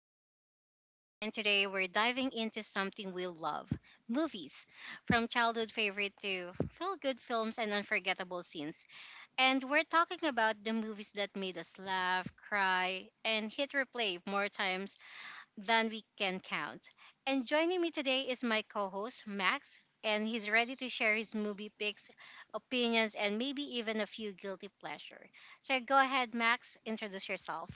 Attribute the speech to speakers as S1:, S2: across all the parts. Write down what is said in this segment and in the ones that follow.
S1: I'm your host, Ice, and today we're diving into something we love, movies. From childhood favorite to feel good films and unforgettable scenes. And we're talking about the movies that made us laugh, cry, and hit replay more times than we can count. And joining me today is my co host, Max, and he's ready to share his movie picks, opinions, and maybe even a few guilty pleasure. So go ahead, Max, introduce yourself.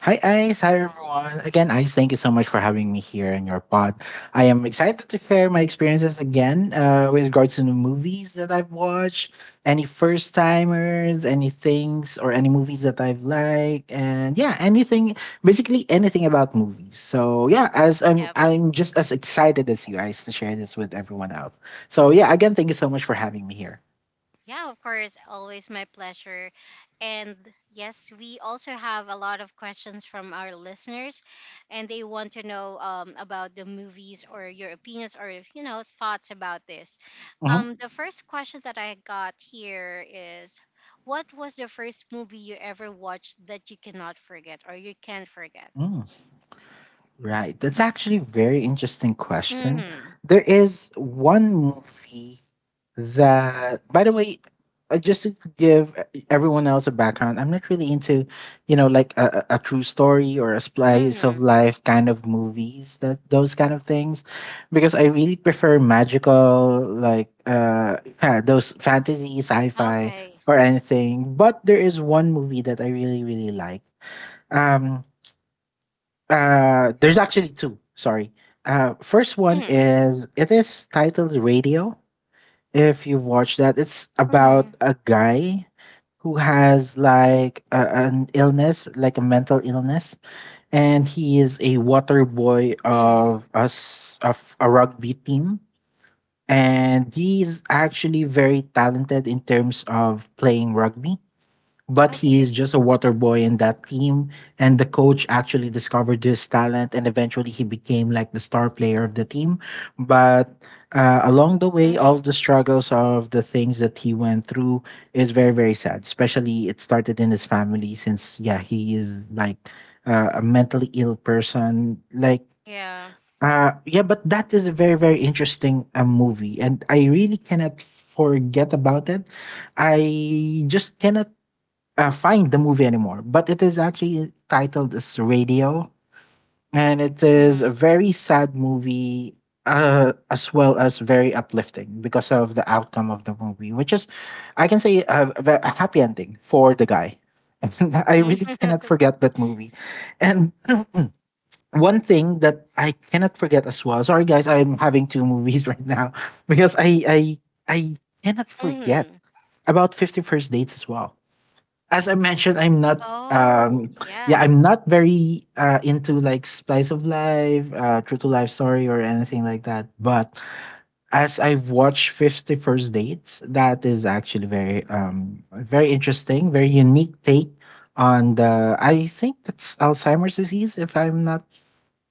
S2: Hi, Ice. Hi, everyone. Again, Ice, thank you so much for having me here in your pod. I am excited to share my experiences again, with regards to the movies that I've watched, any first timers, any things, or any movies that I've liked, and yeah, anything, basically anything about movies. So yeah, as I'm,
S1: Yeah.
S2: I'm just as excited as you guys to share this with everyone else. So yeah, again, thank you so much for having me here.
S1: Yeah, of course. Always my pleasure. And yes, we also have a lot of questions from our listeners, and they want to know about the movies or your opinions or, you know, thoughts about this.
S2: Mhm.
S1: The first question that I got here is, what was the first movie you ever watched that you cannot forget or you can't forget?
S2: Mm. Right. That's actually a very interesting question.
S1: Mm
S2: There is one movie that, by the way, just to give everyone else a background, I'm not really into, you know, like a true story or a
S1: hmm.
S2: slice of
S1: Mm
S2: life kind of movies, that those kind of things, because I really prefer magical, like yeah, those fantasy,
S1: hmm.
S2: sci-fi,
S1: Okay.
S2: or anything. But there is one movie that I really, really like. Um, there's actually two. Sorry. First
S1: Mm
S2: one is it is titled Radio. If you've watched that, it's
S1: hmm. Mm hmm.
S2: about a guy who has like an illness, like a mental illness, and he is a water
S1: Mm
S2: boy
S1: hmm.
S2: of a rugby team, and he's actually very talented in terms of playing rugby but he is
S1: Okay.
S2: just a water boy in that team. And the coach actually discovered his talent, and eventually he became like the star player of the team. But along the
S1: Mm
S2: way, all
S1: hmm.
S2: the struggles of the things that he went through is very, very sad. Especially it started in his family, since yeah, he is like a mentally ill person. Like
S1: Yeah.
S2: yeah, but that is a very, very interesting movie, and I really cannot forget about it. I just cannot find the movie anymore, but it is actually titled as Radio, and it is a
S1: Mm
S2: very sad movie as well as very uplifting because of the outcome of the movie, which is, I can say, a happy ending for the guy. And I really
S1: hmm.
S2: cannot forget that movie. And one thing that I cannot forget as well. Sorry, guys, I'm having two movies right now because I cannot
S1: Mm
S2: forget
S1: hmm.
S2: about Fifty First Dates as well. As I mentioned, I'm not
S1: Oh,
S2: yeah,
S1: yeah.
S2: I'm not very into like splice of life, true to life story or anything like that. But as I've watched Fifty First Dates, that is actually very interesting, very unique take on the I think that's Alzheimer's disease if I'm not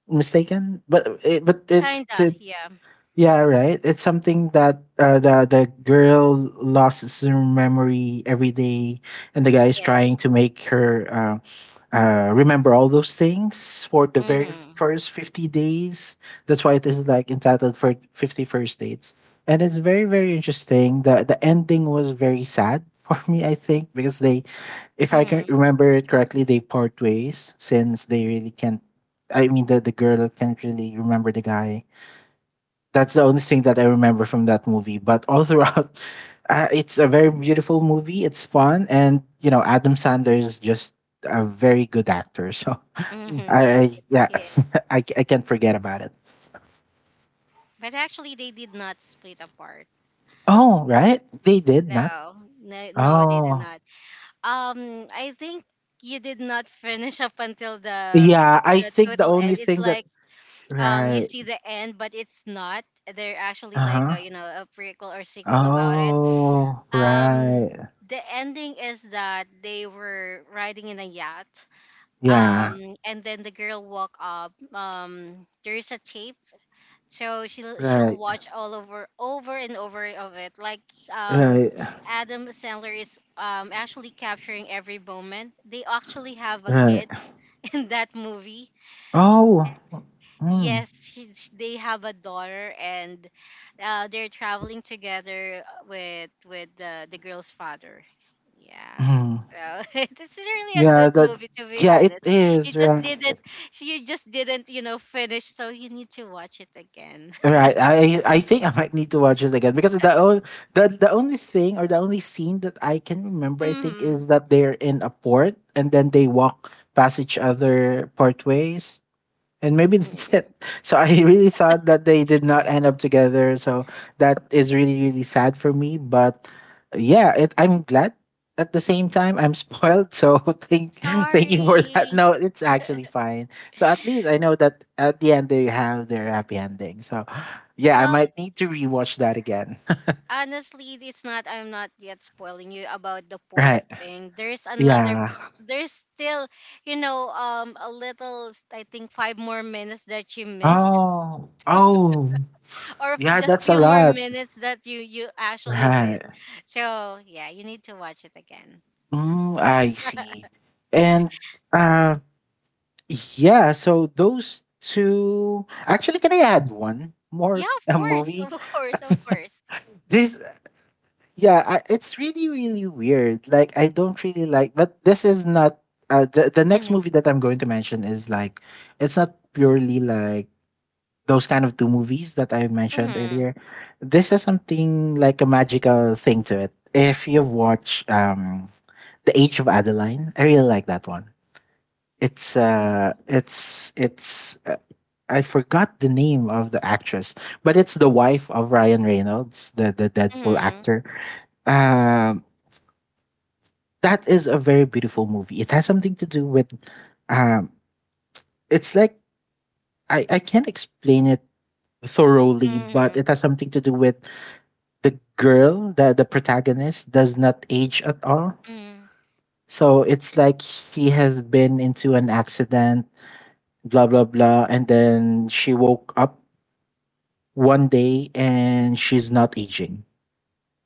S2: mistaken. But it's
S1: Kinda,
S2: a
S1: yeah.
S2: yeah, right. It's something that the girl loses her memory every day, and the guy is
S1: Yes.
S2: trying to make her remember all those things for the very
S1: Mm-hmm.
S2: first 50 days. That's why it is like entitled for fifty first dates, and it's very very interesting. The ending was very sad for me, I think, because they, if I can
S1: Mm-hmm.
S2: remember it correctly, they part ways since they really can't. I mean, the girl can't really remember the guy. That's the only thing that I remember from that movie. But all throughout, it's a very beautiful movie. It's fun, and you know, Adam Sandler is just a very good actor. So Mm.
S1: Mm-hmm. Yes, it is.
S2: I can't forget about it.
S1: But actually they did not split apart.
S2: Oh right, they did not.
S1: No. No, no, they did
S2: Oh
S1: not. I think you did not finish up until
S2: yeah, I
S1: the
S2: think the
S1: total
S2: only
S1: end. It's
S2: thing that
S1: like, um, you
S2: right.
S1: see the end but it's not. They're actually like
S2: Uh
S1: a, you know, a prequel or
S2: huh.
S1: sequel about it.
S2: Oh
S1: Um,
S2: right.
S1: the ending is that they were riding in a yacht,
S2: Yeah.
S1: um, and then the girl walk up, um, there is a tape, so she'll she'll
S2: Right.
S1: watch all over over and over of it, like, um,
S2: Right.
S1: Adam Sandler is, um, actually capturing every moment. They actually have a
S2: Right.
S1: kid in that movie.
S2: Oh. Mm.
S1: Yes, they have a daughter, and they're traveling together with the girl's father. Yeah,
S2: Mm.
S1: so it's really a
S2: Yeah,
S1: good
S2: that
S1: movie, to be
S2: yeah, it
S1: honest. You
S2: is
S1: just
S2: right.
S1: didn't, you just didn't, you know, finish. So you need to watch it again.
S2: Right. I think I might need to watch it again because the only thing or the only scene that I can remember I think
S1: Hmm.
S2: is that they're in a port and then they walk past each other portways and maybe that's it. So I really thought that they did not end up together. So that is really really sad for me. But yeah, it, I'm glad. At the same time, I'm spoiled. So thank thank you for that.
S1: Sorry.
S2: No, it's actually fine. So at least I know that at the end they have their happy ending. So yeah, I
S1: Well,
S2: might need to rewatch that again.
S1: honestly it's not. I'm not yet spoiling you about the port
S2: Right.
S1: thing. There's another,
S2: Yeah.
S1: there's still, you know, um, a little, I think, five more minutes that you missed,
S2: Oh. Oh.
S1: or
S2: Yeah,
S1: just
S2: that's a
S1: few more
S2: lot.
S1: minutes that you actually
S2: Right.
S1: missed. So yeah, you need to watch it again.
S2: Mm, I see. And uh yeah, so those two actually, can I add one more
S1: Yeah, of
S2: a
S1: course.
S2: movie?
S1: Of course, of course.
S2: This yeah, I, it's really really weird. Like I don't really like, but this is not the next
S1: Hmm.
S2: movie that I'm going to mention is like it's not purely like those kind of two movies that I mentioned
S1: Hmm.
S2: earlier. This has something like a magical thing to it. If you watch The Age of Adeline, I really like that one.
S1: Hmm.
S2: It's I forgot the name of the actress, but it's the wife of Ryan Reynolds, the Deadpool
S1: Hmm.
S2: actor. Um, that is a very beautiful movie. It has something to do with, um, it's like I can't explain it thoroughly, but
S1: Hmm.
S2: it has something to do with the girl, the protagonist does not age at all.
S1: Hmm.
S2: So it's like she has been into an accident, blah blah blah, and then she woke up one day and she's not aging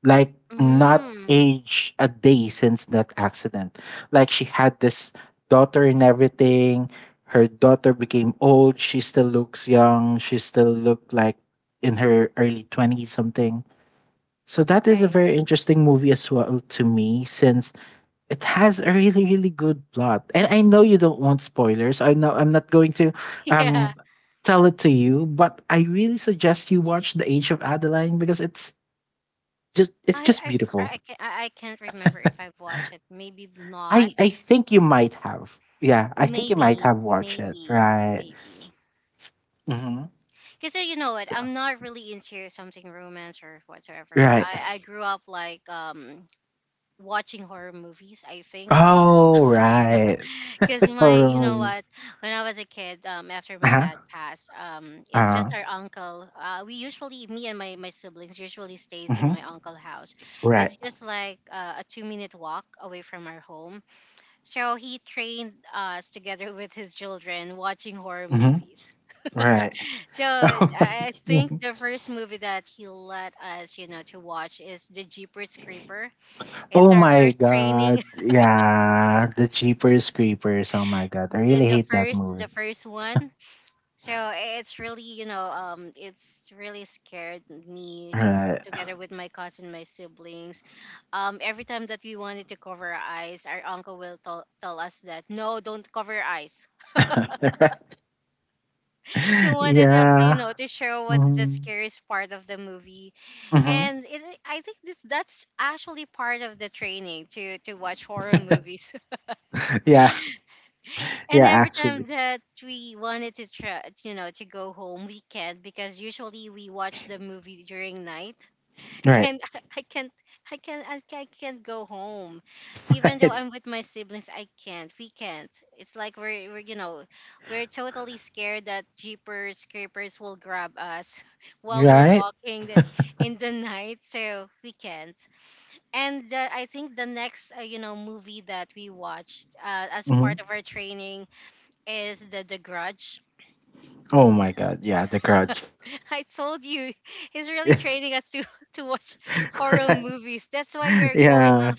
S2: like not
S1: Mm.
S2: age a day since that accident. Like she had this daughter and everything. Her daughter became old. She still looks young. She still looked like in her early 20s something. So that is a
S1: Okay.
S2: very interesting movie as well to me since it has a really really good plot. And I know you don't want spoilers. I know I'm not going to um
S1: Yeah.
S2: tell it to you, but I really suggest you watch The Age of Adeline because it's
S1: I
S2: just
S1: I f-
S2: beautiful.
S1: I can I can't remember if I've watched it. Maybe not.
S2: I think you might have. Yeah, I think you might
S1: Maybe,
S2: have watched it.
S1: maybe,
S2: Right.
S1: maybe.
S2: Hmm.
S1: Because you know what, I'm not really into something romance or whatsoever.
S2: Right.
S1: I grew up like, um, watching horror movies. I think
S2: Oh, right.
S1: because my,
S2: Horror
S1: you know
S2: movies.
S1: what, when I was a kid, um, after
S2: Uh
S1: my
S2: huh.
S1: dad passed, um, it's
S2: Uh
S1: just our uncle. We usually, me and my siblings, usually stays in
S2: huh.
S1: my uncle house.
S2: Right.
S1: It's just like a 2 minute walk away from our home. So he trained us together with his children watching horror
S2: Hmm.
S1: movies.
S2: Right.
S1: So I think the first movie that he let us, you know, to watch is the Jeepers Creeper. It's
S2: Oh
S1: our
S2: my
S1: first
S2: god.
S1: training,
S2: Yeah. The Jeepers Creepers. Oh my god. I really
S1: the
S2: hate that
S1: first, the
S2: movie.
S1: first one. So it's really, you know, it's really scared me
S2: Right.
S1: together with my cousin, my siblings. Every time that we wanted to cover our eyes, our uncle will tell us that no, don't cover your eyes. He wanted us to, you
S2: Yeah.
S1: know, to show what's the
S2: Mm-hmm.
S1: scariest part of the movie,
S2: Mm-hmm.
S1: and it, I think this, that's actually part of the training to watch horror movies.
S2: Yeah.
S1: And
S2: Yeah,
S1: every
S2: actually.
S1: time that we wanted to try, you know, to go home, we can't, because usually we watch the movie during night,
S2: Right.
S1: and I can't I can't go home. Even though I'm with my siblings, I can't. We can't. It's like we're you know, we're totally scared that jeepers creepers will grab us while we're
S2: Right.
S1: walking in the night, so we can't. And I think the next, you know, movie that we watched, as
S2: Right.
S1: part of our training is The Grudge.
S2: Oh my god, yeah, The Grudge.
S1: I told you, he's really
S2: Yes.
S1: training us to to watch horror
S2: Right.
S1: movies. That's why we're going
S2: Yeah.
S1: on,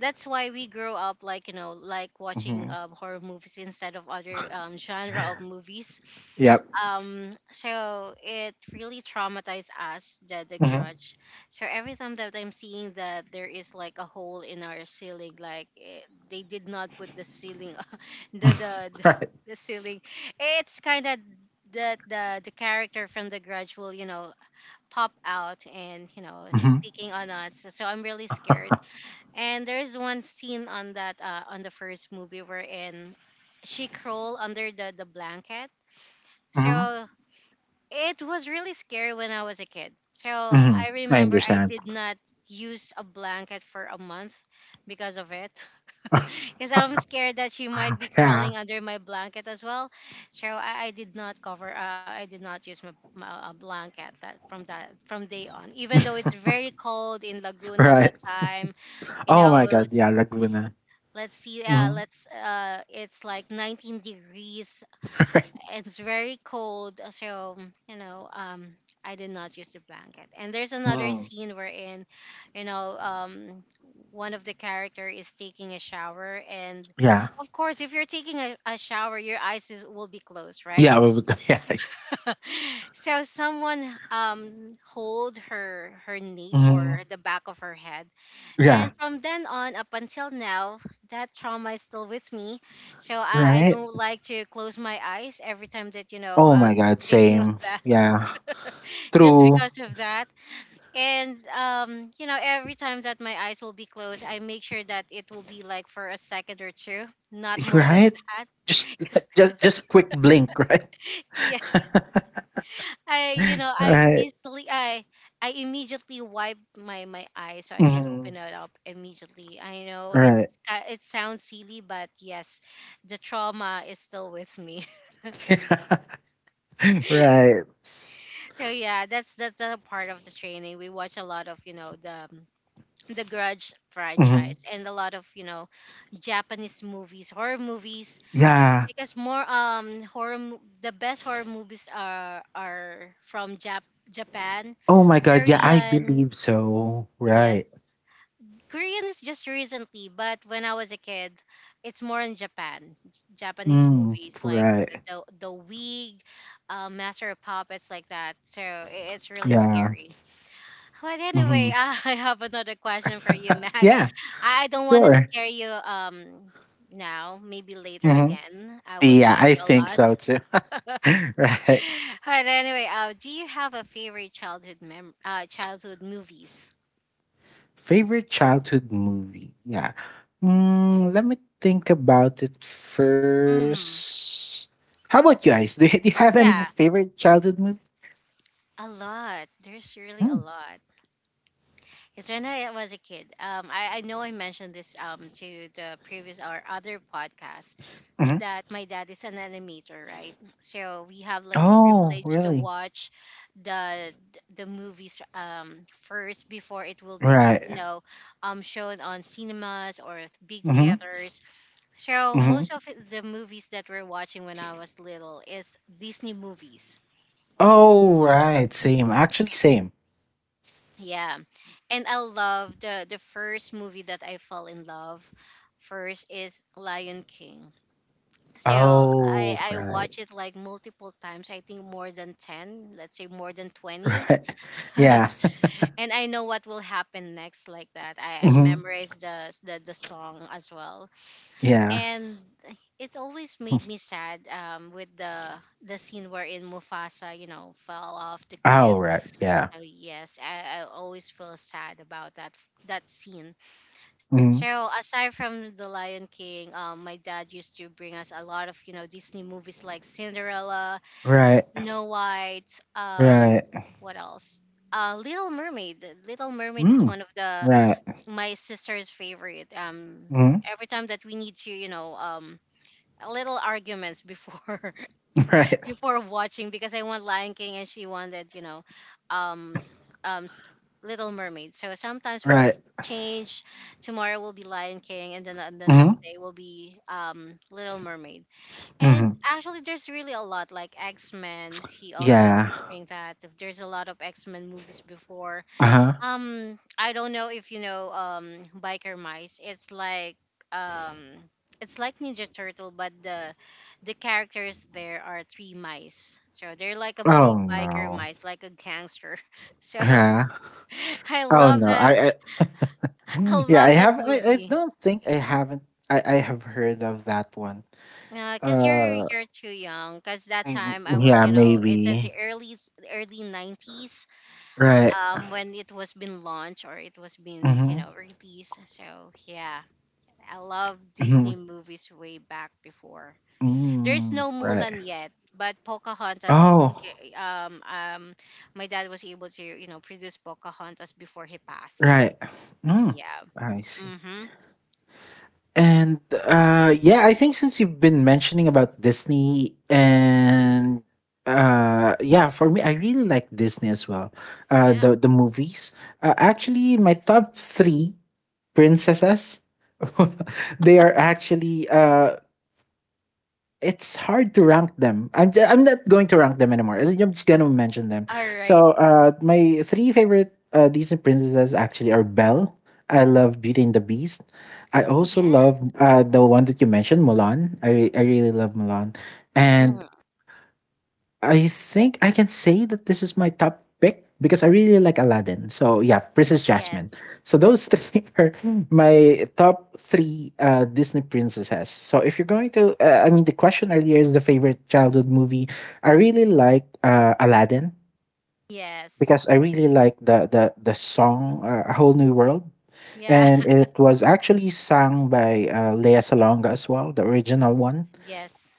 S1: that's why we grow up like, you know, like watching,
S2: Hmm.
S1: horror movies instead of other, genre of movies.
S2: Yep.
S1: Um, so it really traumatized us, the
S2: Hmm.
S1: grudge. So every time that I'm seeing that there is like a hole in our ceiling, like, eh, they did not put the ceiling, the the the
S2: Right.
S1: the ceiling, it's kind of that the character from the grudge will, you know, pop out and, you know,
S2: Hmm.
S1: speaking on us, so I'm really scared. And there's one scene on that, on the first movie wherein she crawled under the blanket.
S2: Hmm.
S1: So it was really scary when I was a kid. So
S2: Hmm.
S1: I
S2: I
S1: remember I
S2: understand.
S1: did not use a blanket for a month because of it. Because I'm scared that she might be
S2: Yeah.
S1: crawling under my blanket as well. So I did not cover. I did not use my a blanket that from day on. Even though it's very cold in Laguna that
S2: Right.
S1: time, you
S2: Oh my
S1: know,
S2: god, yeah, Laguna.
S1: let's see,
S2: Hmm.
S1: let's, it's like 19 degrees,
S2: Right.
S1: it's very cold, so, mm, you know, um, I did not use the blanket. And there's another
S2: Mhm.
S1: scene wherein, you know, um, one of the character is taking a shower, and
S2: Yeah.
S1: of course, if you're taking a shower, your eyes will be closed, right?
S2: Yeah, we would, yeah.
S1: So someone, um, hold her nape or
S2: Hmm.
S1: the back of her head, and
S2: Yeah.
S1: from then on up until now, that trauma is still with me. So I
S2: Right.
S1: don't like to close my eyes every time that, you know,
S2: Oh my
S1: I'm
S2: god,
S1: taking a
S2: same.
S1: bath,
S2: Yeah.
S1: just
S2: True.
S1: because of that. And, you know, every time that my eyes will be closed, I make sure that it will be like for a second or two, not more than
S2: Right?
S1: that.
S2: Just
S1: 'Cause—
S2: just a quick blink, right?
S1: yes. I, you know, I
S2: Right.
S1: easily, I immediately wipe my my eyes so I can
S2: Hmm.
S1: open it up immediately. I know it's,
S2: Right.
S1: it sounds silly, but yes, the trauma is still with me.
S2: Right.
S1: So yeah, that's the part of the training. We watch a lot of, you know, the Grudge
S2: Mhm.
S1: franchise and a lot of, you know, Japanese movies, horror movies,
S2: Yeah.
S1: because more, um, horror, the best horror movies are from Japan,
S2: Oh my God. Yeah, I
S1: Korean.
S2: believe so.
S1: Yes.
S2: Right.
S1: Korean is just recently, but when I was a kid, it's more in Japan. Japanese
S2: Mm,
S1: movies like the
S2: right.
S1: the Wig, Master of Puppets, like that. So it's really
S2: Yeah.
S1: scary. But
S2: Hmm.
S1: anyway, I have another question for you, Max.
S2: Yeah.
S1: I don't want to
S2: Sure.
S1: scare you, um, now. Maybe later
S2: Hmm.
S1: again, I will
S2: Yeah,
S1: scare
S2: I
S1: you a
S2: think
S1: lot.
S2: so too. Right.
S1: But anyway, do you have a favorite childhood mem childhood movies?
S2: Favorite childhood movie? Yeah. Mm, let me think about it
S1: Hmm.
S2: first. How about you guys? Do you have any
S1: Yeah.
S2: favorite childhood movie?
S1: A lot. There's really a
S2: Mm.
S1: lot. Because when I was a kid, I know I mentioned this, um, to the previous or other podcast,
S2: Hmm.
S1: that my dad is an animator, right? So we have like a
S2: Oh,
S1: privilege to
S2: really?
S1: watch the the movies, um, first before it will be, you
S2: Right.
S1: know, um, shown on cinemas or big
S2: Mm-hmm.
S1: theaters. So
S2: Mm-hmm.
S1: most of the movies that we're watching when I was little is Disney movies.
S2: Oh, right, same. Actually, same.
S1: Yeah. And I love the first movie that I fell in love first is Lion King. So
S2: Oh,
S1: I
S2: right,
S1: watch it like multiple times. I think more than 10, let's say more than 20.
S2: right. Yeah.
S1: And I know what will happen next, like that. I
S2: Mhm.
S1: memorized the song as well.
S2: Yeah.
S1: And it always made me sad, um, with the scene wherein Mufasa, you know, fell off the cliff.
S2: Oh, right, yeah.
S1: So yes, I always feel sad about that that scene. So
S2: Mhm.
S1: aside from The Lion King, my dad used to bring us a lot of, you know, Disney movies like Cinderella,
S2: Right,
S1: Snow White, um,
S2: right.
S1: what else? Little Mermaid. Little Mermaid is
S2: Mm,
S1: one of the
S2: right.
S1: my sister's favorite.
S2: Mhm.
S1: Every time that we need to, you know, a little arguments before,
S2: Right,
S1: before watching, because I want Lion King and she wanted, you know, um, s- um, s- Little Mermaid. So sometimes we
S2: right.
S1: change. Tomorrow will be Lion King, and then the
S2: Mhm,
S1: next day will be, Little Mermaid. And
S2: mhm.
S1: actually, there's really a lot, like X Men. He also
S2: Yeah.
S1: bring that. There's a lot of X Men movies before,
S2: Uh-huh.
S1: I don't know if you know, um, biker mice. It's like, um, it's like Ninja Turtle, but the characters there are three mice. So they're like a
S2: Oh,
S1: big biker
S2: no.
S1: mice, like a gangster. So
S2: Yeah.
S1: I
S2: Oh,
S1: love
S2: no.
S1: that.
S2: I
S1: I
S2: Yeah, I
S1: love that
S2: haven't I I
S1: movie.
S2: don't think I haven't I have heard of that one.
S1: Cause you're
S2: Uh,
S1: you're too young. Cause that
S2: I
S1: time I was,
S2: yeah,
S1: you know, it's in
S2: maybe.
S1: the early early nineties.
S2: Right.
S1: When it was been launched or it was been, you
S2: Mhm,
S1: know, released. So yeah. I love
S2: mhm.
S1: Disney movies way back before. There's
S2: Mm,
S1: no
S2: right.
S1: Mulan yet, but Pocahontas is
S2: Oh,
S1: my dad was able to, you know, produce Pocahontas before he passed.
S2: right. Mm,
S1: Yeah.
S2: I see.
S1: Mhm.
S2: And, yeah, I think since you've been mentioning about Disney and, yeah, for me, I really like Disney as well.
S1: Yeah.
S2: The movies. Actually, my top three princesses, they are actually it's hard to rank them. I'm not going to rank them anymore. I'm just gonna mention them.
S1: All right.
S2: So my three favorite, Disney princesses actually are Belle. I love Beauty and the Beast. I also
S1: Yes.
S2: love, the one that you mentioned, Mulan. I really love Mulan, and
S1: Mm.
S2: I think I can say that this is my top pick because I really like Aladdin. So yeah, Princess Jasmine.
S1: Yes.
S2: So those three are my top three, Disney princesses. So if you're going to, I mean, the question earlier is the favorite childhood movie. I really like, Aladdin
S1: Yes.
S2: because I really like the song, A Whole New World,
S1: Yeah.
S2: and it was actually sung by, Lea Salonga as well, the original one,
S1: Yes.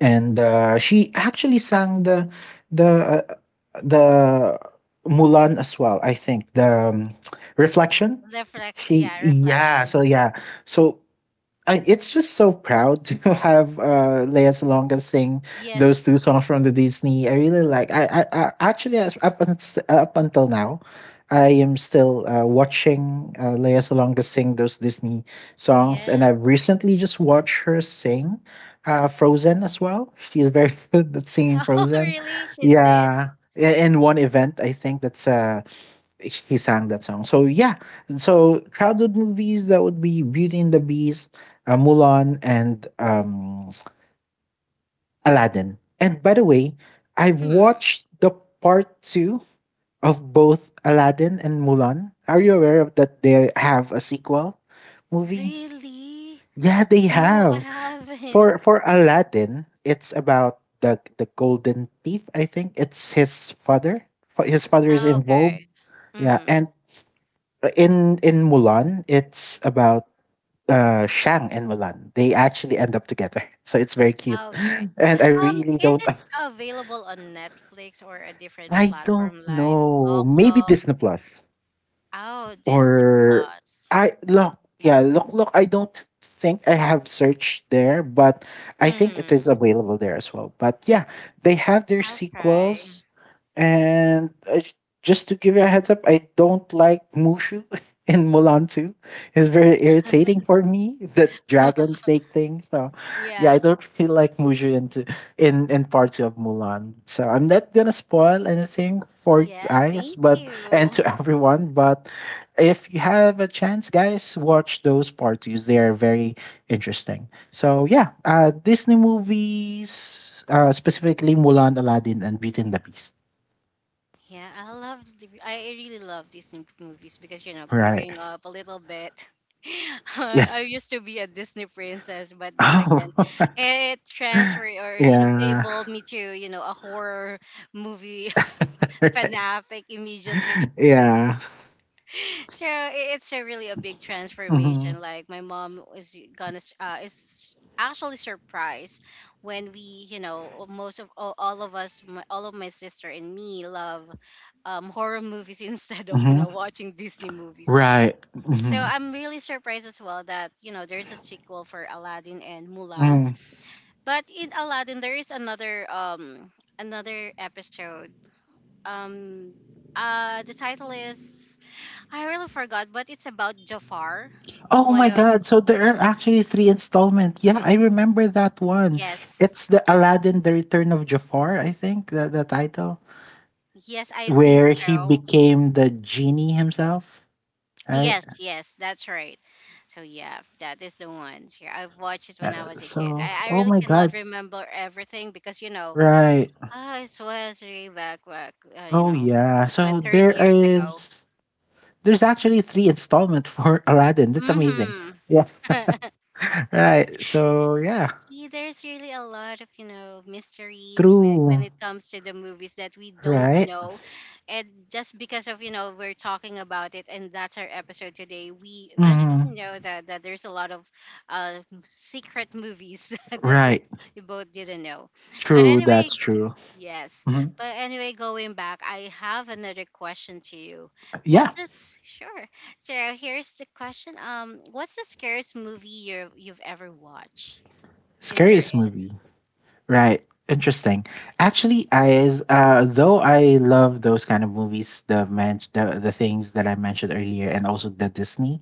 S2: and she actually sang the uh, the Mulan as well. I think the, Reflection.
S1: Reflection.
S2: She
S1: Yeah,
S2: yeah. So
S1: reflection.
S2: yeah. So I, it's just so proud to have, Lea Salonga sing those
S1: Yes.
S2: two songs from the Disney. I really like. I actually up until now, I am still, watching, Lea Salonga sing those Disney songs, and I've
S1: Yes.
S2: recently just watched her sing, Frozen as well. She's very good at singing
S1: Oh,
S2: Frozen.
S1: really? She did?
S2: Yeah, in one event, I think that's she sang that song. So yeah, so crowded movies that would be Beauty and the Beast, Mulan, and Aladdin. And by the way, I've
S1: Hmm.
S2: watched the part two of both Aladdin and Mulan. Are you aware of that? They have a sequel movie.
S1: Really?
S2: Yeah, they
S1: No, I
S2: have.
S1: haven't.
S2: For Aladdin, it's about the golden thief. I think it's his father. His father is
S1: Ah,
S2: involved.
S1: okay.
S2: Yeah,
S1: Mm-hmm.
S2: and in Mulan, it's about Shang and Mulan. They actually end up together. So it's very cute.
S1: Okay.
S2: And I
S1: Um,
S2: really
S1: is it available on Netflix or a different
S2: don't
S1: platform like
S2: know. Maybe
S1: Locklog?
S2: Disney Plus.
S1: Oh, Disney
S2: Or
S1: Plus.
S2: I look, yeah, look, look. I don't think I have searched there, but I think it is
S1: Mm-hmm.
S2: available there as well. But yeah, they have their
S1: I'll try.
S2: sequels, and just to give you a heads up, I don't like Mushu in Mulan 2. It's very irritating for me, that dragon snake thing. So yeah, I
S1: Yeah.
S2: don't feel like Mushu into in part two of Mulan. So I'm not gonna spoil anything for you
S1: Yeah,
S2: guys,
S1: thank
S2: but and
S1: you.
S2: to everyone. But if you have a chance, guys, watch those parties. They are very interesting. So yeah, Disney movies, specifically Mulan, Aladdin, and Beauty and the Beast.
S1: Yeah, I love I really love Disney movies because, you know,
S2: Right.
S1: growing up a little bit, I
S2: Yes.
S1: used to be a Disney princess, but then again,
S2: Oh.
S1: it transferred or
S2: Yeah.
S1: evolved me to, you know, a horror movie
S2: Right.
S1: fanatic immediately.
S2: Yeah.
S1: So it's a really a big
S2: hmm
S1: transformation. Like my mom is gonna is actually surprised when we, you know, most of all of us, all of my sister and me love horror movies instead of, you know,
S2: hmm
S1: watching Disney movies.
S2: Right.
S1: So I'm really surprised as well that, you know, there's a sequel for Aladdin and Mulan.
S2: Mm.
S1: But in Aladdin there is another episode. um the title is, I really forgot, but it's about Jafar.
S2: Oh
S1: One
S2: my
S1: of
S2: God! So there are actually three installments. Yeah, I remember that one.
S1: yes,
S2: It's the Aladdin, the Return of Jafar. I think the title.
S1: yes, I think
S2: Where he
S1: so.
S2: became the genie himself, right?
S1: Yes, yes, that's right. So yeah, that is the one. Here, I've watched it when
S2: Uh,
S1: I was a kid. I
S2: oh
S1: really
S2: my god,
S1: cannot remember everything because, you know,
S2: right?
S1: ah, it was way back, you
S2: Oh
S1: know,
S2: yeah.
S1: to
S2: So
S1: 30 years ago.
S2: there's actually three installment for Aladdin. That's amazing.
S1: Mm-hmm.
S2: Yes. Right. So yeah,
S1: See, there's really a lot of, you know, mysteries when
S2: true.
S1: it comes to the movies that we don't
S2: Right.
S1: know. And just because of, you know, we're talking about it and that's our episode today, we eventually
S2: hmm
S1: know that there's a lot of uh, secret movies that we
S2: Right.
S1: we both didn't know. But
S2: True.
S1: anyway,
S2: That's true.
S1: yes.
S2: hmm
S1: But anyway, going back, I have another question to you.
S2: Yeah.
S1: What's this? Sure. So here's the question. What's the scariest movie you've ever watched? Is there
S2: Scariest
S1: it?
S2: movie. Right. Interesting. Actually, I is though I love those kind of movies, the things that I mentioned earlier and also the Disney,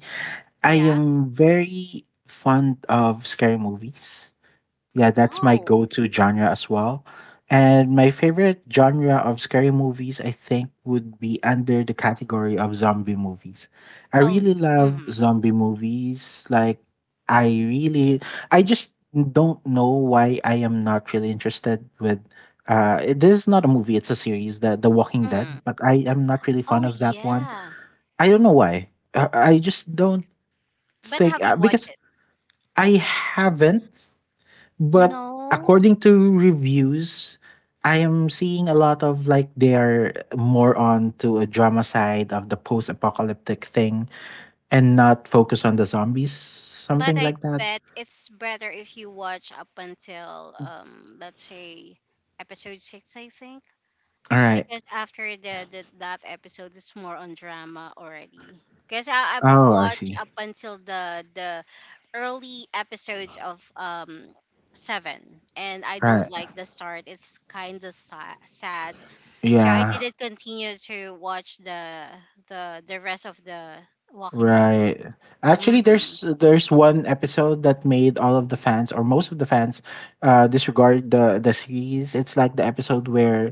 S2: I
S1: Yeah.
S2: am very fond of scary movies. Yeah, that's my
S1: Oh.
S2: go-to genre as well. And my favorite genre of scary movies, I think, would be under the category of zombie movies. I
S1: Oh.
S2: really love
S1: Mm-hmm.
S2: zombie movies. Like, I really, I just don't know why I am not really interested with. This is not a movie; it's a series, the Walking
S1: Hmm.
S2: Dead. But I am not really
S1: Oh
S2: fond of that one.
S1: yeah.
S2: I don't know why. I just don't
S1: But
S2: think
S1: have you watched
S2: because
S1: it?
S2: I haven't, but
S1: No.
S2: according to reviews, I am seeing a lot of, like, they are more on to a drama side of the post-apocalyptic thing and not focus on the zombies,
S1: But
S2: something
S1: I
S2: like that.
S1: bet it's better if you watch up until, let's say episode six, I think.
S2: All right.
S1: Because after the, that episode it's more on drama already. Because I've
S2: Oh, I
S1: watched
S2: see.
S1: up until the early episodes of seven, and I don't
S2: Right.
S1: like the start. It's sad. So I
S2: Yeah.
S1: didn't continue to watch the rest of the Walking Dead.
S2: Right. Actually,
S1: Mm-hmm.
S2: there's one episode that made all of the fans or most of the fans disregard the series. It's like the episode where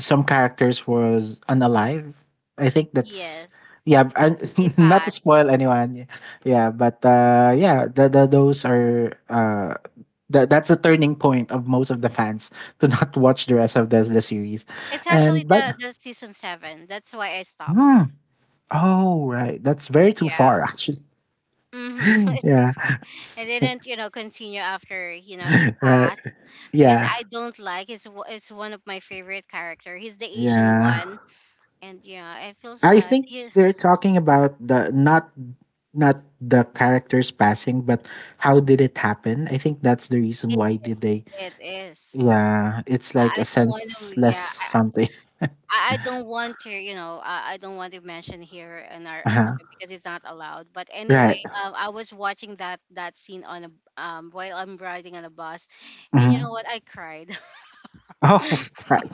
S2: some characters was unalive. I think that's
S1: Yes,
S2: yeah. And
S1: he
S2: not to
S1: passed.
S2: spoil anyone, yeah, but yeah, those are that that's a turning point of most of the fans to not watch the rest of the series,
S1: It's actually
S2: and but
S1: the season seven. That's why I stopped.
S2: hmm, oh right, that's very too
S1: Yeah.
S2: far actually.
S1: Mm-hmm. It's
S2: Yeah.
S1: correct. I didn't, you know, continue after, you know, he
S2: Right.
S1: passed because
S2: Yeah.
S1: I don't like. It's one of my favorite character. He's the Asian
S2: Yeah.
S1: one, and yeah, I feel
S2: I
S1: sad.
S2: think
S1: Yeah,
S2: they're talking about the not the characters passing, but how did it happen? I think that's the reason
S1: it
S2: why did
S1: is.
S2: they.
S1: It is.
S2: Yeah. It's like
S1: I
S2: a
S1: don't want to.
S2: senseless
S1: Yeah,
S2: something.
S1: I don't want to, you know, I don't want to mention here in our
S2: Uh-huh.
S1: episode because it's not allowed. But anyway,
S2: Right.
S1: I was watching that scene on a while I'm riding on a bus, and you
S2: hmm
S1: know what? I cried.
S2: Oh right.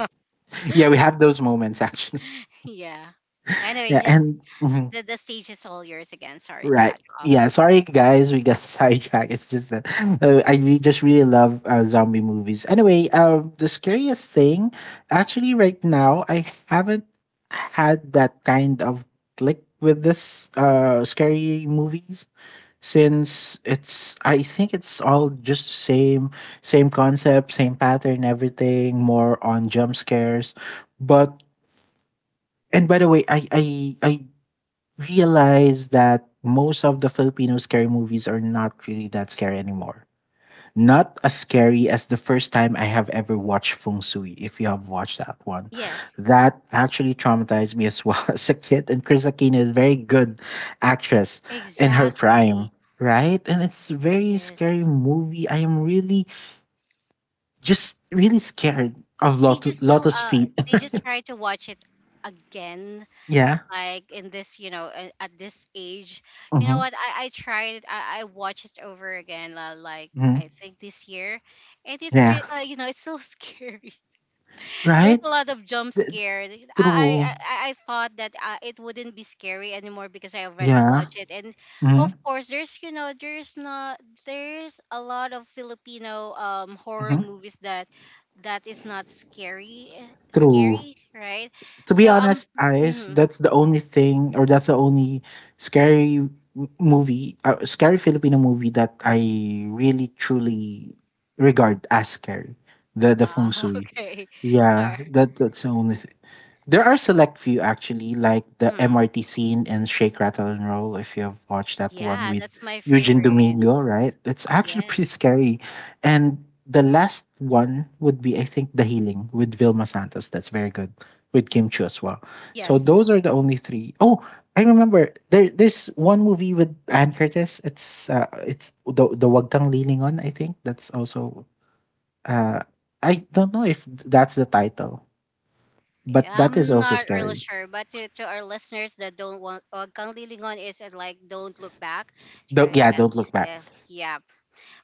S2: Yeah, we have those moments actually.
S1: Yeah. Anyway,
S2: Yeah,
S1: just
S2: and mhm.
S1: the stage is all yours again. Sorry to
S2: Right.
S1: cut you off.
S2: Yeah. Sorry, guys. We got sidetracked. It's just that just really love zombie movies. Anyway, the scariest thing, actually, right now, I haven't had that kind of click with this scary movies, since it's I think it's all just same same concept, same pattern, everything more on jump scares. But and by the way, I realize that most of the Filipino scary movies are not really that scary anymore. Not as scary as the first time I have ever watched Feng Sui, if you have watched that one.
S1: Yes,
S2: That actually traumatized me as well as a kid. And Chris Aquino is a very good actress in her
S1: exactly.
S2: prime, right? And it's a very scary
S1: Yes,
S2: movie. I am really, just really scared of
S1: they just still
S2: Lotus
S1: uh
S2: Feet.
S1: they just try to watch it again
S2: Yeah.
S1: like in this, you know, at this age, you know
S2: Mm-hmm.
S1: what, I tried it. I watched it over again like I
S2: hmm
S1: think this year, and
S2: Yeah.
S1: you know, it's so scary. There's
S2: Right?
S1: a lot of jump
S2: Th-
S1: scares. i i,
S2: True.
S1: I I thought that it wouldn't be scary anymore because I already
S2: Yeah.
S1: watched it. And of
S2: Mm-hmm.
S1: course there's, you know, there's not there's a lot of Filipino horror
S2: Mhm.
S1: movies that that is not scary,
S2: True.
S1: scary, right?
S2: To be
S1: So
S2: honest, Ice,
S1: mhm.
S2: that's the only thing, or that's the only scary movie, scary Filipino movie that I really truly regard as scary. The feng
S1: Ah,
S2: shui.
S1: okay.
S2: Yeah,
S1: Alright.
S2: that that's the only. There are select few actually, like the
S1: Mm.
S2: MRT scene and Shake Rattle and Roll. If you have watched that one
S1: Yeah,
S2: with
S1: that's my
S2: Eugene
S1: favorite.
S2: Domingo, right? It's actually
S1: Yes.
S2: pretty scary. And the last one would be, I think, The Healing with Vilma Santos. That's very good with Kim Chu as well. So
S1: Yes.
S2: those are the only three. Oh, I remember there. There's one movie with Ann Curtis. It's the Wag Kang Leaning On. I think that's also. Uh, I don't know if that's the title, but that is
S1: I'm
S2: also
S1: not really
S2: scary.
S1: sure, but to our listeners that don't want, Kang Lilingon is, like, don't look back. So
S2: Don't, yeah, don't
S1: that's
S2: look back.
S1: yeah, yeah.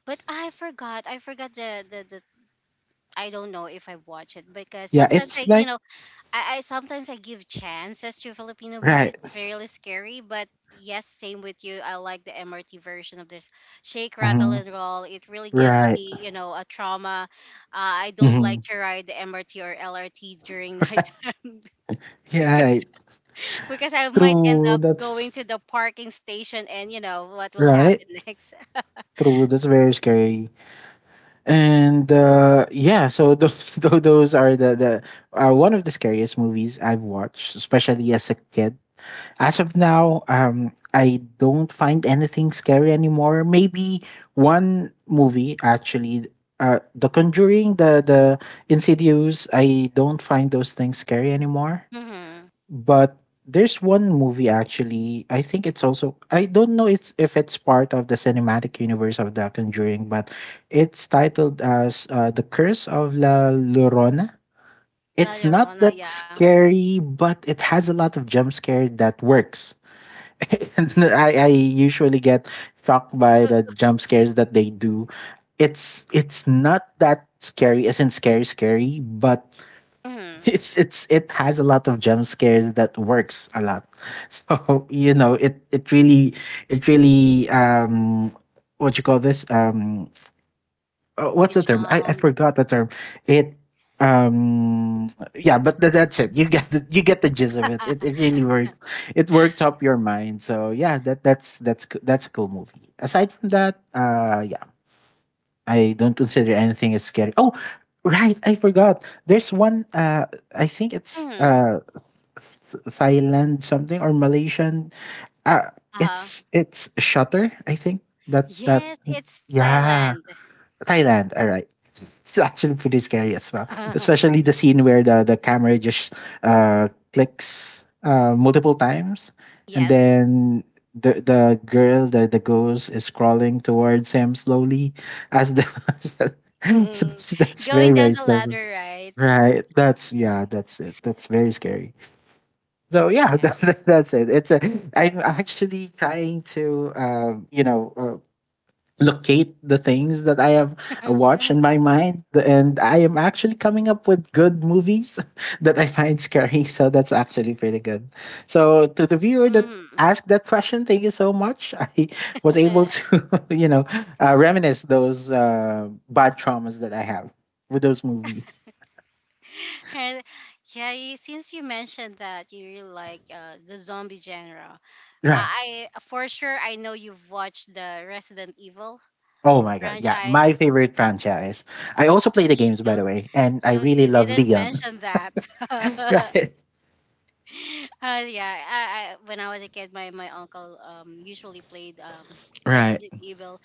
S1: But I forgot. I forgot the I don't know if I watch it because
S2: Yeah,
S1: sometimes I,
S2: it's
S1: you
S2: like
S1: know, I sometimes I give chances to Filipino
S2: right,
S1: movies if they're really scary, but yes, same with you. I like the MRT version of this Shake Rattle
S2: hmm
S1: and Roll. It really gives
S2: right,
S1: me, you know, a trauma. I don't
S2: hmm
S1: like to ride the MRT or LRT during nighttime
S2: yeah,
S1: because
S2: right.
S1: because I might end
S2: True.
S1: up going to
S2: That's
S1: the parking station and you know what will
S2: right,
S1: happen next.
S2: true. That's very scary. And yeah, so those those are the one of the scariest movies I've watched, especially as a kid. As of now, I don't find anything scary anymore. Maybe one movie actually, The Conjuring, the Insidious. I don't find those things scary anymore.
S1: Mm-hmm.
S2: But there's one movie actually. I think it's also. I don't know it's if it's part of the cinematic universe of The Conjuring, but it's titled as The Curse of La Llorona.
S1: La
S2: It's not
S1: Llorona,
S2: that
S1: yeah.
S2: scary, but it has a lot of jump scare that works. I usually get shocked by the jump scares that they do. It's not that scary, isn't scary scary, but
S1: Mm-hmm.
S2: it has a lot of jump scares that works a lot. So you know, it really what you call this what's
S1: You
S2: the term? I
S1: jump.
S2: forgot the term. It um yeah, but that's it. You get the gist of it. It really worked. It worked up your mind. So yeah, that's a cool movie. Aside from that, yeah, I don't consider anything as scary. Oh, right, I forgot. There's one I think it's
S1: Mm-hmm.
S2: Th- Thailand something or Malaysian. Uh
S1: Uh-huh.
S2: it's Shutter, I think. That that
S1: Yes, it's
S2: yeah,
S1: Thailand.
S2: Thailand. All right, it's actually pretty scary as well. Especially the scene where the camera just clicks multiple times, and
S1: yes.
S2: then the girl, the ghost, is crawling towards him slowly. As the so that's very
S1: Going down
S2: very
S1: the
S2: scary.
S1: ladder, right?
S2: Right. That's yeah. That's it. That's very scary. So yeah,
S1: Yeah.
S2: that's it. It's a. I'm actually trying to you know locate the things that I have watched in my mind. And I am actually coming up with good movies that I find scary. So that's actually pretty good. So to the viewer that
S1: Mhm.
S2: asked that question, thank you so much. I was able to, you know, reminisce those bad traumas that I have with those movies.
S1: And yeah, you, since you mentioned that you really like, the zombie genre,
S2: Yeah.
S1: for sure I know you've watched the Resident Evil
S2: Oh my god, yeah, my
S1: franchise.
S2: favorite franchise. I also play the
S1: See,
S2: games, by the way, and I really
S1: you
S2: love
S1: didn't
S2: Leon.
S1: mention that.
S2: Right.
S1: Yeah, I, when I was a kid, my uncle usually played
S2: Right.
S1: Resident Evil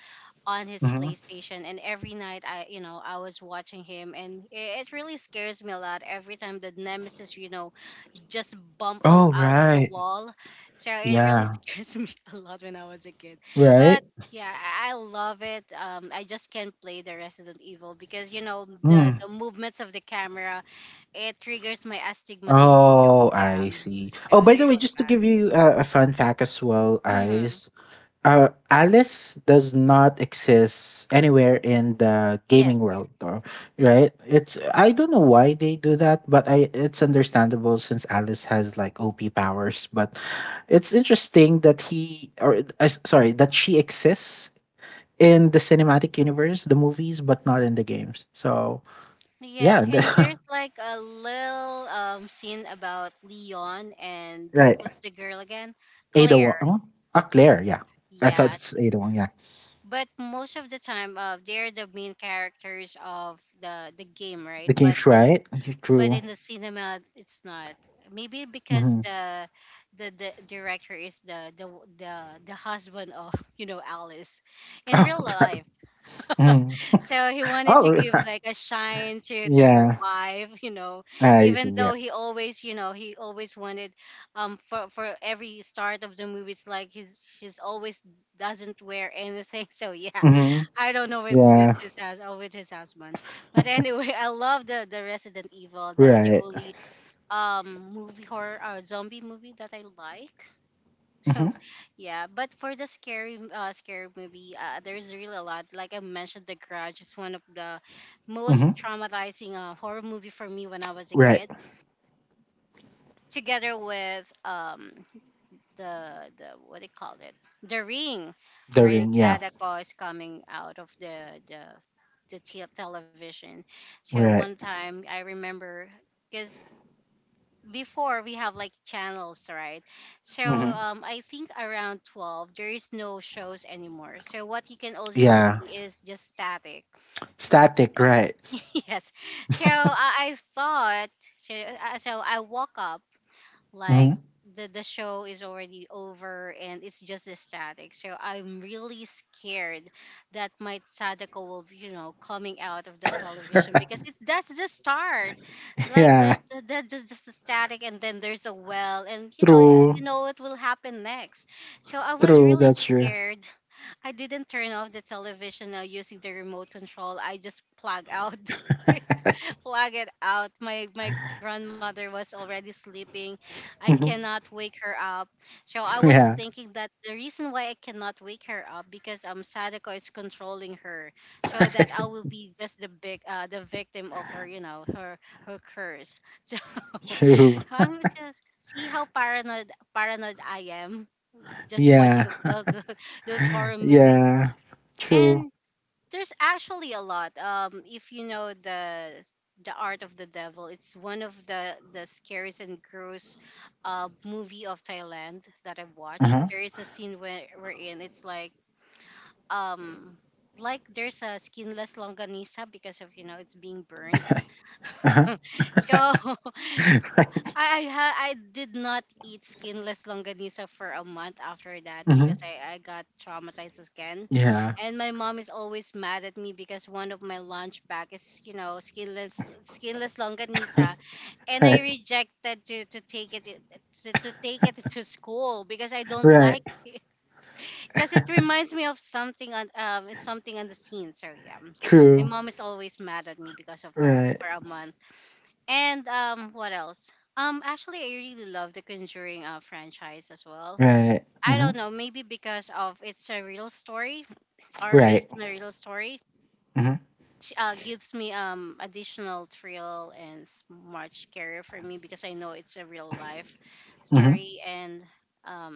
S1: on his
S2: hmm
S1: PlayStation, and every night I, you know, I was watching him, and it really scares me a lot every time the nemesis, you know, just bump on
S2: Oh
S1: out of the
S2: right.
S1: wall. So it really
S2: Yeah.
S1: scares me a lot when I was a kid. But
S2: Right?
S1: yeah, I love it. I just can't play the Resident Evil because, you know,
S2: Mm.
S1: the movements of the camera, it triggers my astigmatism. So
S2: Oh,
S1: yeah,
S2: I see.
S1: so
S2: Oh, by the way,
S1: really
S2: just to
S1: bad.
S2: give you a fun fact as well,
S1: Hmm.
S2: Ice. Alice does not exist anywhere in the gaming
S1: Yes.
S2: world, though, right? It's I don't know why they do that, but I it's understandable since Alice has like OP powers. But it's interesting that he or sorry, that she exists in the cinematic universe, the movies, but not in the games. So
S1: Yes,
S2: yeah,
S1: and there's like a little scene about Leon and
S2: right.
S1: who's the girl again?
S2: Ada Wong.
S1: Claire.
S2: Huh? Ah, Claire. Yeah, I thought
S1: Yeah,
S2: it's Ada Wong. Yeah,
S1: but most of the time, they're the main characters of the game,
S2: the
S1: right? But
S2: game's
S1: in
S2: right. Okay,
S1: but
S2: true.
S1: in the cinema it's not, maybe because
S2: hmm
S1: the director is the the husband of, you know, Alice in
S2: Oh,
S1: real
S2: right.
S1: life.
S2: Mhm.
S1: So he wanted to
S2: Oh,
S1: give like a shine to her
S2: yeah.
S1: wife, you know,
S2: Ah, I see.
S1: even
S2: Yeah.
S1: though he always, you know, he always wanted, for every start of the movies, like he's she's always doesn't wear anything. So yeah,
S2: hmm
S1: I don't know with
S2: Yeah.
S1: his house or with his husband. But anyway, I love the Resident Evil. That's the
S2: Right.
S1: only movie horror or zombie movie that I like.
S2: hmm
S1: So yeah, but for the scary, scary movie, there's really a lot. Like I mentioned, The Grudge is one of the most
S2: hmm
S1: traumatizing, horror movie for me when I was a
S2: Right.
S1: kid. Together with the what they you call it, The Ring,
S2: The
S1: wherein
S2: ring. Yeah.
S1: Sadako is coming out of the television. So one
S2: Right.
S1: time I remember because before we have like channels, right? So
S2: hmm
S1: I think around 12 there is no shows anymore, so what you can also
S2: Yeah.
S1: see is just static.
S2: Static. Right.
S1: Yes. So I thought so, so I woke up like
S2: hmm
S1: the show is already over and it's just a static, so I'm really scared that my Sadako will be, you know, coming out of the television, because
S2: Right.
S1: it that's the start, like
S2: Yeah.
S1: that just the static and then there's a well, and you know, you
S2: True.
S1: know what will happen next. So I was
S2: True.
S1: really
S2: That's true.
S1: scared. I didn't turn off the television now using the remote control. I just plug out flag it out. My grandmother was already sleeping. I
S2: Mhm.
S1: cannot wake her up. So I was
S2: Yeah.
S1: thinking that the reason why I cannot wake her up because Sadako is controlling her, so that I will be just the big the victim of her, you know, her curse. So
S2: True.
S1: I'm just see how paranoid I am just watching
S2: Yeah.
S1: of the, the, those horror movies.
S2: Yeah. True.
S1: And there's actually a lot. If you know the Art of the Devil, it's one of the scariest and gross, movie of Thailand that I've
S2: Uh
S1: watched.
S2: huh.
S1: There is a scene where we're in. It's like um. Like there's a skinless longanisa because of, you know, it's being burnt.
S2: Uh huh.
S1: So I did not eat skinless longanisa for a month after that
S2: Mm-hmm.
S1: because, I got traumatized again.
S2: Yeah.
S1: And my mom is always mad at me because one of my lunch bag is, you know, skinless longanisa and I
S2: Right.
S1: rejected to take to take it to school because I don't
S2: Right.
S1: like it because it reminds me of something on something on the scene. So yeah, my
S2: True.
S1: mom is always mad at me because of that
S2: Right.
S1: for a month. And what else? Actually, I really love the Conjuring franchise as well.
S2: Right.
S1: I
S2: Mm-hmm.
S1: don't know, maybe because of it's a real story or
S2: Right.
S1: based on a real story,
S2: Mm-hmm.
S1: gives me additional thrill and much scarier for me because I know it's a real life
S2: Mm-hmm.
S1: story and um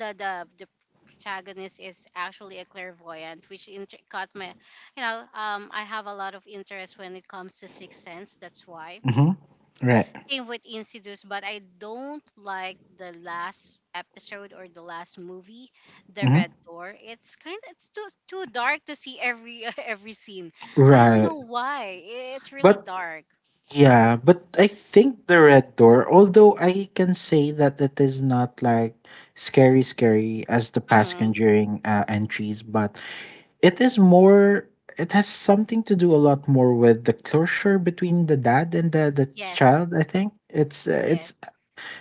S1: the protagonist is actually a clairvoyant, which caught my. I have a lot of interest when it comes to Sixth Sense. That's why.
S2: Mm-hmm. Right.
S1: Same with Insidious, but I don't like the last episode or the last movie, The Red
S2: Mm-hmm.
S1: Door. It's kind of it's too dark to see every every scene. I don't
S2: Right.
S1: know why. It's really
S2: But
S1: dark.
S2: yeah, but I think the Red Door, although I can say that it is not like scary scary as the past
S1: Mm,
S2: conjuring entries, but it is more, it has something to do a lot more with the closure between the dad and the
S1: yes.
S2: child, I think. It's.
S1: Yes.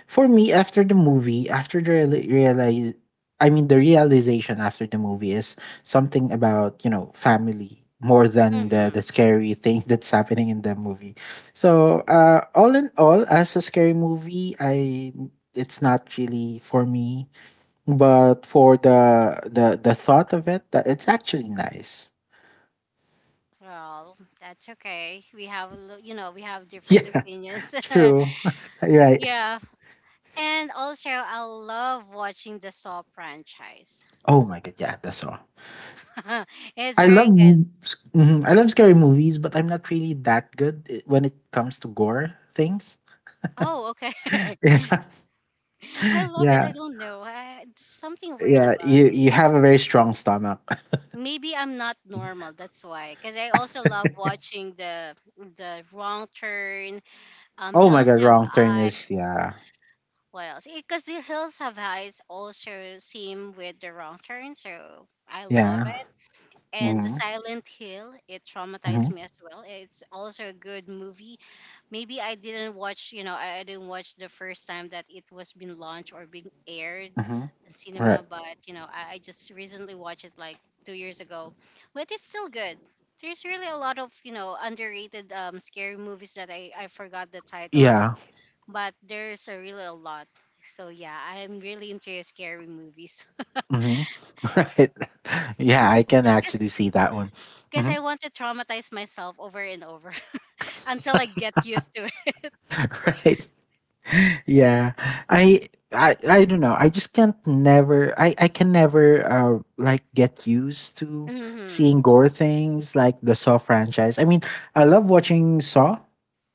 S2: For me, after the movie, after the realize, I mean, the realization after the movie is something about you know family more than the
S1: Mm-hmm.
S2: scary thing that's happening in the movie. So, all in all, as a scary movie, I it's not really for me, but for the thought of it, that it's actually nice.
S1: Well, that's okay. We have, a lo- you know, we have different
S2: Yeah,
S1: opinions.
S2: true. Right.
S1: Yeah. And also, I love watching the Saw franchise.
S2: Oh my god, yeah, that's all.
S1: It's
S2: I love
S1: very good.
S2: m- s- mhm, I love scary movies, but I'm not really that good when it comes to gore things.
S1: Oh, okay. I love it. I
S2: Yeah,
S1: don't know. There's something
S2: yeah,
S1: weird
S2: yeah.
S1: about
S2: You
S1: me.
S2: you have a very strong stomach.
S1: Maybe I'm not normal. That's why. Because I also love watching the Wrong Turn.
S2: Oh my
S1: Hills
S2: god,
S1: Have
S2: Wrong Turn
S1: Eyes.
S2: is, yeah,
S1: What else? Because the Hills Have Eyes also same with the Wrong Turn. So I love
S2: yeah.
S1: it. And the
S2: Mm-hmm,
S1: Silent Hill. It traumatized
S2: mm-hmm,
S1: me as well. It's also a good movie. Maybe I didn't watch, you know, I didn't watch the first time that it was being launched or being aired
S2: mm-hmm.
S1: in cinema,
S2: Right.
S1: but you know, I just recently watched it like 2 years ago. But it's still good. There's really a lot of, you know, underrated scary movies that I forgot the titles,
S2: Yeah.
S1: but there's a really a lot. So yeah, I'm really into scary movies.
S2: Mm-hmm. Right. Yeah, I can actually see that one.
S1: Because
S2: Hmm.
S1: I want to traumatize myself over and over until I get used to it.
S2: Right. Yeah. I i i don't know, I just can't never, I can never like get used to
S1: Hmm.
S2: seeing gore things like the Saw franchise. I mean, I love watching Saw,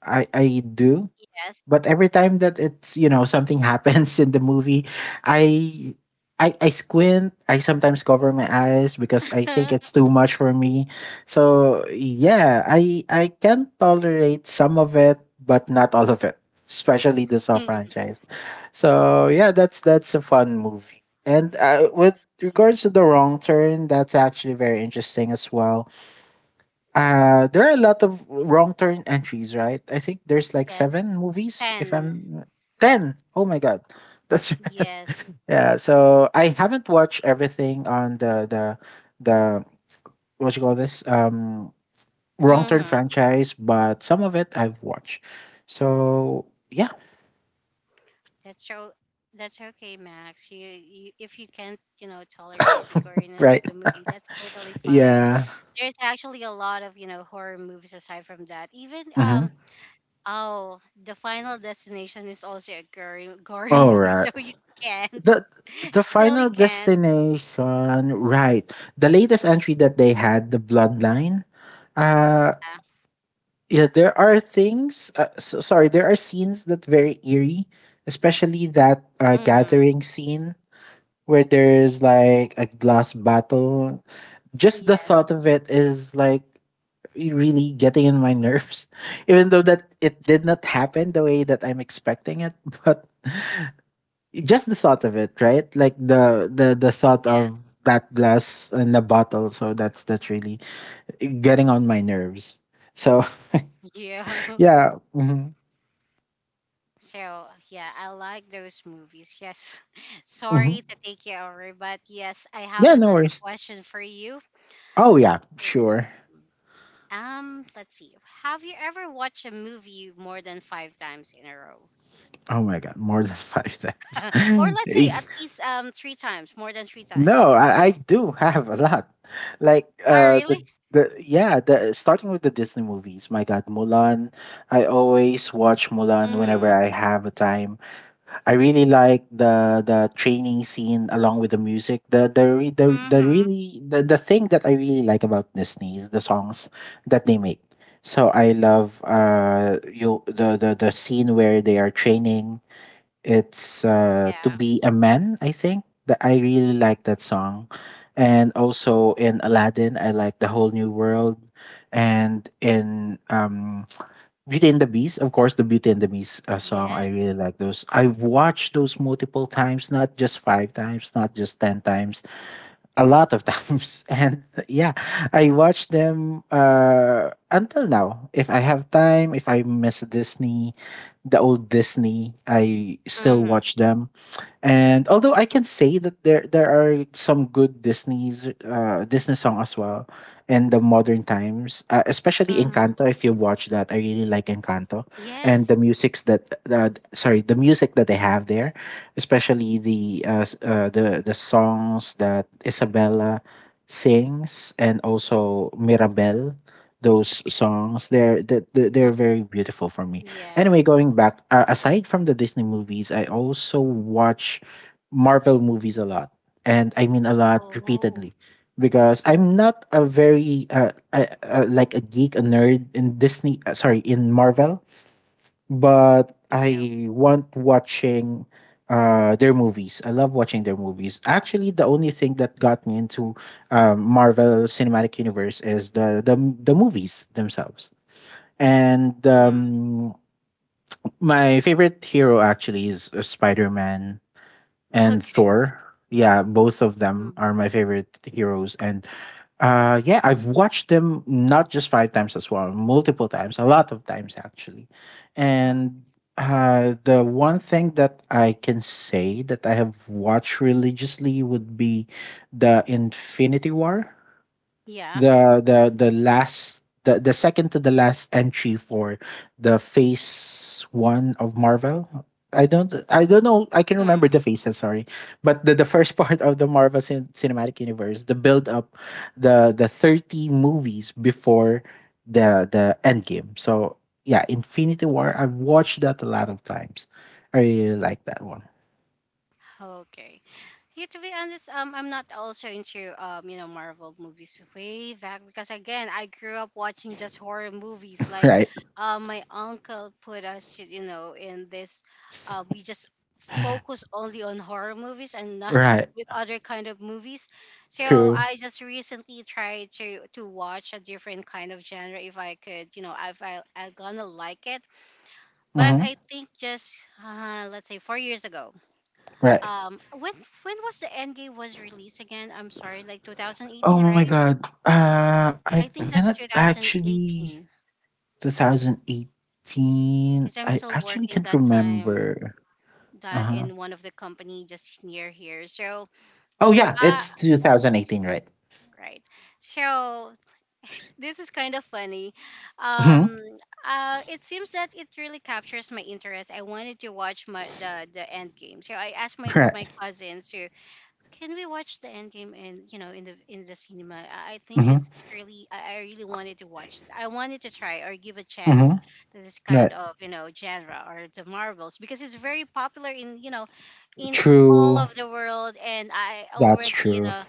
S2: I do.
S1: Yes.
S2: But every time that it's, something happens in the movie, I I squint. I sometimes cover my eyes because I think it's too much for me. So yeah, I can tolerate some of it, but not all of it, especially the Saw franchise. So yeah, that's a fun movie. And with regards to the Wrong Turn, that's actually very interesting as well. There are a lot of Wrong Turn entries, right? I think there's like
S1: Yes,
S2: seven movies, if
S1: ten.
S2: I'm ten. Oh my god, that's
S1: Yes.
S2: yeah. So I haven't watched everything on the what you call this, Wrong Turn
S1: Mm-hmm.
S2: franchise, but some of it I've watched. So yeah,
S1: That's okay, Max. You if you can't, you know, tolerate the goriness of
S2: right,
S1: the movie, that's totally fine.
S2: yeah.
S1: There's actually a lot of, you know, horror movies aside from that. Even
S2: Mm-hmm.
S1: oh, The Final Destination is also a gory
S2: All
S1: movie,
S2: right.
S1: so you can't.
S2: The the
S1: Still you
S2: Final
S1: can't.
S2: Destination, right? The latest entry that they had, the Bloodline. Uh, yeah, there are things, so, sorry, there are scenes that very eerie, especially that
S1: Yeah. Mm,
S2: gathering scene where there's like a glass battle. Just the
S1: yes.
S2: thought of it is like really getting in my nerves. Even though that it did not happen the way that I'm expecting it, but just the thought of it, right, like the thought of
S1: Yes.
S2: that glass and the bottle. So that's really getting on my nerves, so
S1: Yeah.
S2: yeah. Mhm,
S1: So yeah, I like those movies. Yes.
S2: mhm.
S1: Sorry to take you over, but yes, I have
S2: Yeah, no
S1: another
S2: worries.
S1: question for you.
S2: Oh yeah,
S1: Oh,
S2: sure.
S1: Let's see. Have you ever watched a movie more than five times in a row?
S2: Oh my god, more than five times.
S1: Or let's say at
S2: Eesh.
S1: least three times, more than three
S2: No,
S1: times.
S2: I do have a lot. Like,
S1: Oh really?
S2: the yeah, the starting with the Disney movies. My god, Mulan. I always watch Mulan whenever
S1: Mm.
S2: I have a time. I really like the training scene along with the music. The re- the
S1: Mm-hmm.
S2: really the thing that I really like about Disney is the songs that they make. So I love the scene where they are training. It's
S1: Yeah.
S2: to be a man, I think. That I really like that song. And also in Aladdin, I like the whole new world. And in Beauty and the Beast, of course, the Beauty and the Beast song. I
S1: Yes.
S2: really like those. I've watched those multiple times, not just five times, not just ten times, a lot of times. And yeah, I watch them until now. If I have time, if I miss Disney, the old Disney, I still
S1: Mm-hmm.
S2: watch them. And although I can say that there are some good Disney song as well in the modern times, especially
S1: Mm-hmm.
S2: Encanto. If you watch that, I really like Encanto and the
S1: Yes.
S2: music's that, sorry, the music that they have there, especially the s- the songs that Isabella sings and also Mirabel. Those songs, they're they're they're
S1: Mm.
S2: they're very beautiful for me.
S1: Yeah.
S2: Anyway, going back, aside from the Disney movies, I also watch Marvel movies a lot, and I mean a lot
S1: Oh,
S2: repeatedly, because I'm not a very like a geek, a nerd in Disney. Sorry, in Marvel, but
S1: me too.
S2: I want watching their movies. I love watching their movies. Actually, the only thing that got me into Marvel Cinematic Universe is the movies themselves. And
S1: Mm.
S2: my favorite hero actually is Spider-Man and
S1: Okay.
S2: Thor. Yeah, both of them
S1: Mm-hmm.
S2: are my favorite heroes, and yeah, I've watched them not just five times as well, multiple times, a lot of times actually.
S1: Mm-hmm.
S2: And the one thing that I can say that I have watched religiously would be the Infinity War,
S1: Yeah.
S2: the second to the last entry for the phase one of Marvel. I don't know I can remember the
S1: Mm.
S2: phases, sorry. But the first part of the Marvel cinematic universe, the build up, the 30 movies before the end game. So yeah, Infinity War, I've watched that a lot of times. I really like that one.
S1: Okay. Yeah, to be honest, I'm not also into you know, Marvel movies way back because again, I grew up watching just horror movies. Like,
S2: Right.
S1: my uncle put us, to, you know, in this, we just focus only on horror movies and not
S2: Right.
S1: with other kind of movies. So
S2: True.
S1: I just recently tried to watch a different kind of genre if I could, you know, if I gonna like it. But
S2: Hmm.
S1: I think just let's say 4 years ago.
S2: Right.
S1: Um, when when was the Endgame was released again? I'm sorry, like
S2: Oh
S1: 2018,
S2: my
S1: right?
S2: god. I
S1: I think that's
S2: cannot actually,
S1: 2018
S2: 2018.
S1: because I'm
S2: I
S1: still
S2: actually
S1: working
S2: can't
S1: that time
S2: remember.
S1: that
S2: Uh-huh.
S1: in one of the company just near here. So,
S2: Oh yeah,
S1: uh,
S2: it's 2018, right?
S1: right. So this is kind of funny.
S2: Mhm.
S1: Um, it seems that it really captures my interest. I wanted to watch my the Endgame. So I asked my
S2: Right.
S1: my cousins to can we watch the end game in you know in the cinema. I think this
S2: Mhm.
S1: is really I really wanted to watch this. I wanted to try or give a chance
S2: Mhm.
S1: to this kind
S2: Right.
S1: of you know genre or the marvels because it's very popular in you know in all
S2: True.
S1: of the world. And I
S2: That's
S1: already you
S2: true.
S1: know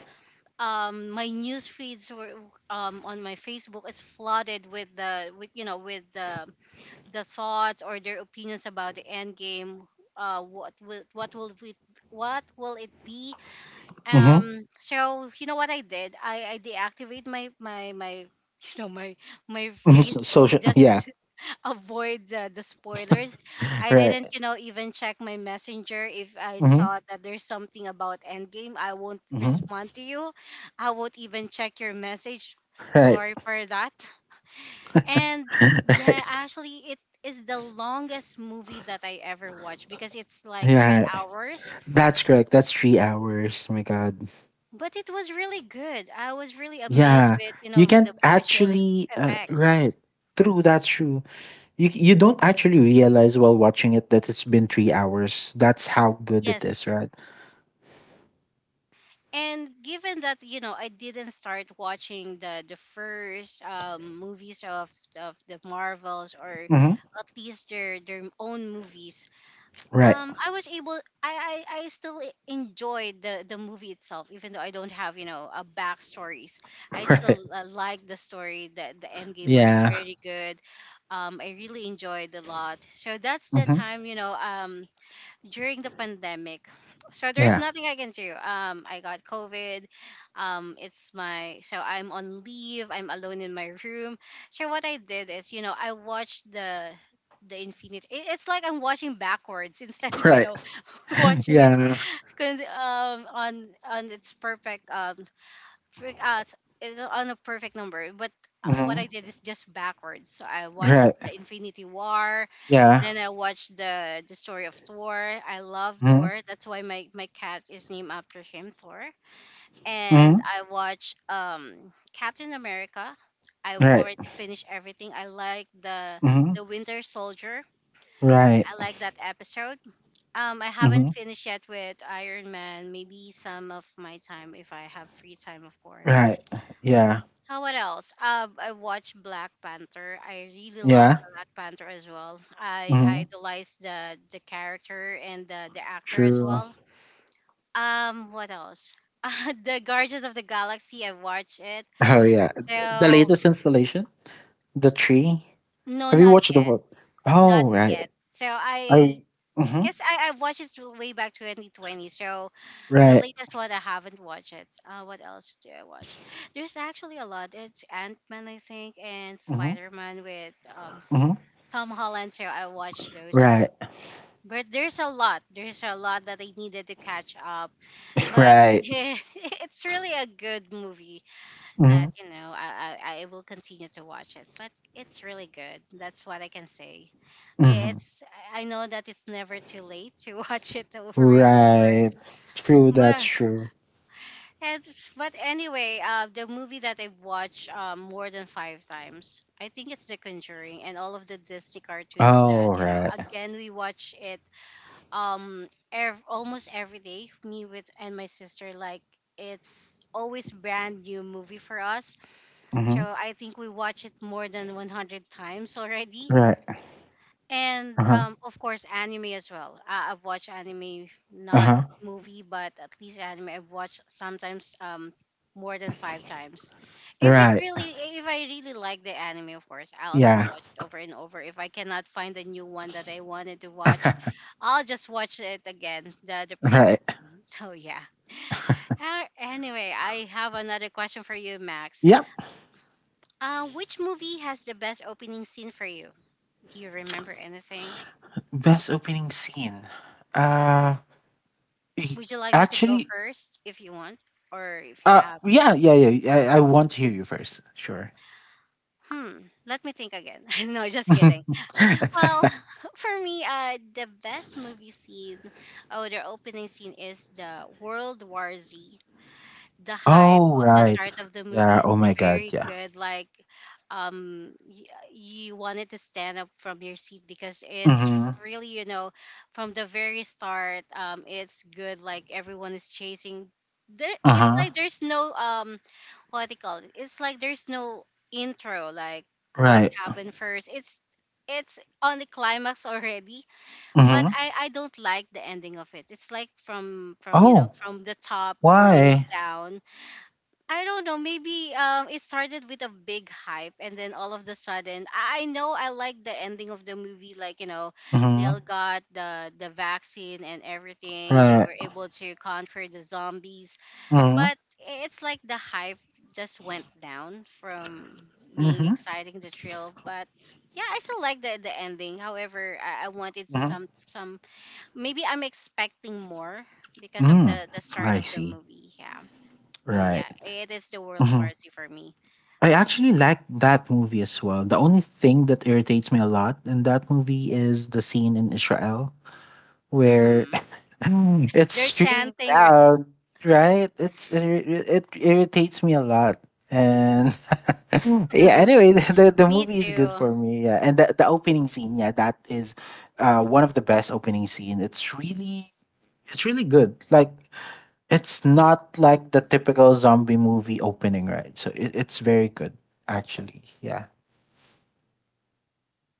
S1: my news feeds were on my facebook is flooded with the with you know with the thoughts or their opinions about the end game. What will we what will it be
S2: Mhm.
S1: so you know what I did? I deactivate my you know my
S2: Mhm. So,
S1: Facebook
S2: social yeah.
S1: just to avoid the spoilers. I
S2: Right.
S1: didn't you know even check my messenger if I
S2: Mhm.
S1: saw that there's something about Endgame. I won't
S2: Mhm.
S1: respond to you. I won't even check your message.
S2: Right.
S1: Sorry for that. And yeah,
S2: Right.
S1: actually, it is the longest movie that I ever watched because it's like three
S2: Yeah.
S1: hours
S2: That's correct. That's 3 hours. Oh my god.
S1: but it was really good. I was really amazed
S2: Yeah.
S1: with you
S2: You
S1: know with
S2: can't
S1: the
S2: actually
S1: effects.
S2: right. True, that's true. You don't actually realize while watching it that it's been 3 hours. That's how good it
S1: Yes,
S2: is, right?
S1: and given that you know I didn't start watching the first movies of the Marvels or
S2: Hmm.
S1: at least their own movies.
S2: Right.
S1: I was able I still enjoyed the movie itself even though I don't have you know a backstories. I
S2: Right.
S1: still like the story that the end game was
S2: Yeah.
S1: very good. I really enjoyed a lot, so that's the
S2: Hmm.
S1: time you know during the pandemic. So there's
S2: Yeah.
S1: nothing I can do. I got COVID. It's my so I'm on leave. I'm alone in my room. So what I did is, you know, I watched the It's like I'm watching backwards instead of you
S2: Right.
S1: know watching it
S2: Yeah.
S1: con- um on on its perfect for us is on a perfect number. But what
S2: Hmm.
S1: I did is just backwards, so I watched
S2: Right.
S1: the infinity war,
S2: Yeah.
S1: then I watched the story of thor. I love
S2: Hmm.
S1: thor, that's why my cat is named after him, thor. And
S2: Hmm.
S1: I watch captain america. I've
S2: Right.
S1: already finished everything. I like
S2: Hmm.
S1: the winter soldier.
S2: Right.
S1: I like that episode. I haven't
S2: Hmm.
S1: finished yet with iron man. Maybe some of my time if I have free time, of course.
S2: Right. Yeah.
S1: How what else? I watched Black Panther. I really love
S2: Yeah.
S1: Black Panther as well. I
S2: Hmm.
S1: idolize the character and the actor as
S2: True.
S1: well. What else? The Guardians of the Galaxy. I watched it.
S2: Oh yeah. The
S1: So
S2: latest installation, the tree.
S1: no,
S2: Have you
S1: not
S2: watched the
S1: yet,
S2: book?
S1: not
S2: Oh
S1: yet.
S2: right.
S1: So I
S2: I. Hmm.
S1: guess I watched it through way back 2020. So the
S2: Right.
S1: latest one I haven't watched it. What else do I watch? There's actually a lot. It's Ant Man, I think, and
S2: Hmm.
S1: Spider Man with
S2: Hmm.
S1: Tom Holland, so I watched those.
S2: Right.
S1: But there's a lot. There's a lot that I needed to catch up. But
S2: Right.
S1: it's really a good movie that
S2: Mhm,
S1: you know I will continue to watch it. But it's really good. That's what I can say.
S2: mhm.
S1: It's I know that it's never too late to watch it over and over.
S2: Right. True, that's
S1: But
S2: true.
S1: and, but anyway, the movie that I've watched more than five times, I think it's The Conjuring and all of the Disney cartoons that
S2: Oh,
S1: you know.
S2: right.
S1: Again, we watch it almost every day me with and my sister like it's always brand new movie for us, so
S2: Mhm.
S1: I think we watch it more than 100 times already.
S2: Right.
S1: And
S2: Uh-huh,
S1: of course anime as well. I've watched anime, not
S2: uh-huh.
S1: movie, but at least anime. I've watched sometimes more than five times. If it
S2: Right.
S1: really, if I really like the anime, of course I'll gonna
S2: Yeah.
S1: watch it over and over. If I cannot find the new one that I wanted to watch, I'll just watch it again, the previous
S2: Right.
S1: one. So yeah. Anyway, I have another question for you, Max.
S2: Yep.
S1: Which movie has the best opening scene for you? Do you remember anything?
S2: Best opening scene. Uh, y
S1: Would you like me to go
S2: Actually,
S1: first if you want? Or if you have,
S2: yeah, yeah, yeah. I want to hear you first. Sure.
S1: hmm, let me think again. No, just kidding. Well, for me, the best movie scene, oh, their opening scene is the World War Z. The hype
S2: Oh,
S1: of the
S2: right.
S1: start of the movie
S2: Yeah.
S1: is
S2: Oh my god,
S1: very
S2: yeah.
S1: good. Like, you wanted to stand up from your seat because it's
S2: Mhm.
S1: really, you know, from the very start, it's good. Like everyone is chasing. There, it's
S2: Uh-huh.
S1: like there's no political. It's like there's no intro, like what
S2: Right.
S1: happened first. It's on the climax already, but
S2: Mhm.
S1: I don't like the ending of it. It's like from you know
S2: Oh,
S1: from the top going
S2: why?
S1: down. I don't know. Maybe it started with a big hype, and then all of the sudden, I know I like the ending of the movie. Like you know, they all
S2: Mhm.
S1: got the vaccine and everything. They
S2: Right.
S1: were able to conquer the zombies,
S2: Mhm,
S1: but it's like the hype just went down from being
S2: mhm,
S1: exciting the thrill. But yeah, I still like the ending. However, I wanted
S2: mhm.
S1: some maybe I'm expecting more because of
S2: Mm,
S1: the start
S2: I
S1: of the
S2: see.
S1: movie. Yeah. Oh
S2: Right.
S1: yeah, it is the World War
S2: Mhm.
S1: Z for me.
S2: I actually like that movie as well. The only thing that irritates me a lot in that movie is the scene in Israel where
S1: Hmm. They're
S2: it's really
S1: chanting,
S2: loud, right? It irritates me a lot. And Mm, yeah,
S1: right?
S2: anyway, the, the
S1: Me
S2: movie is good
S1: too.
S2: for me. Yeah. And the opening scene, yeah, that is one of the best opening scene. It's really good. Like, it's not like the typical zombie movie opening, right? So it's very good, actually. Yeah.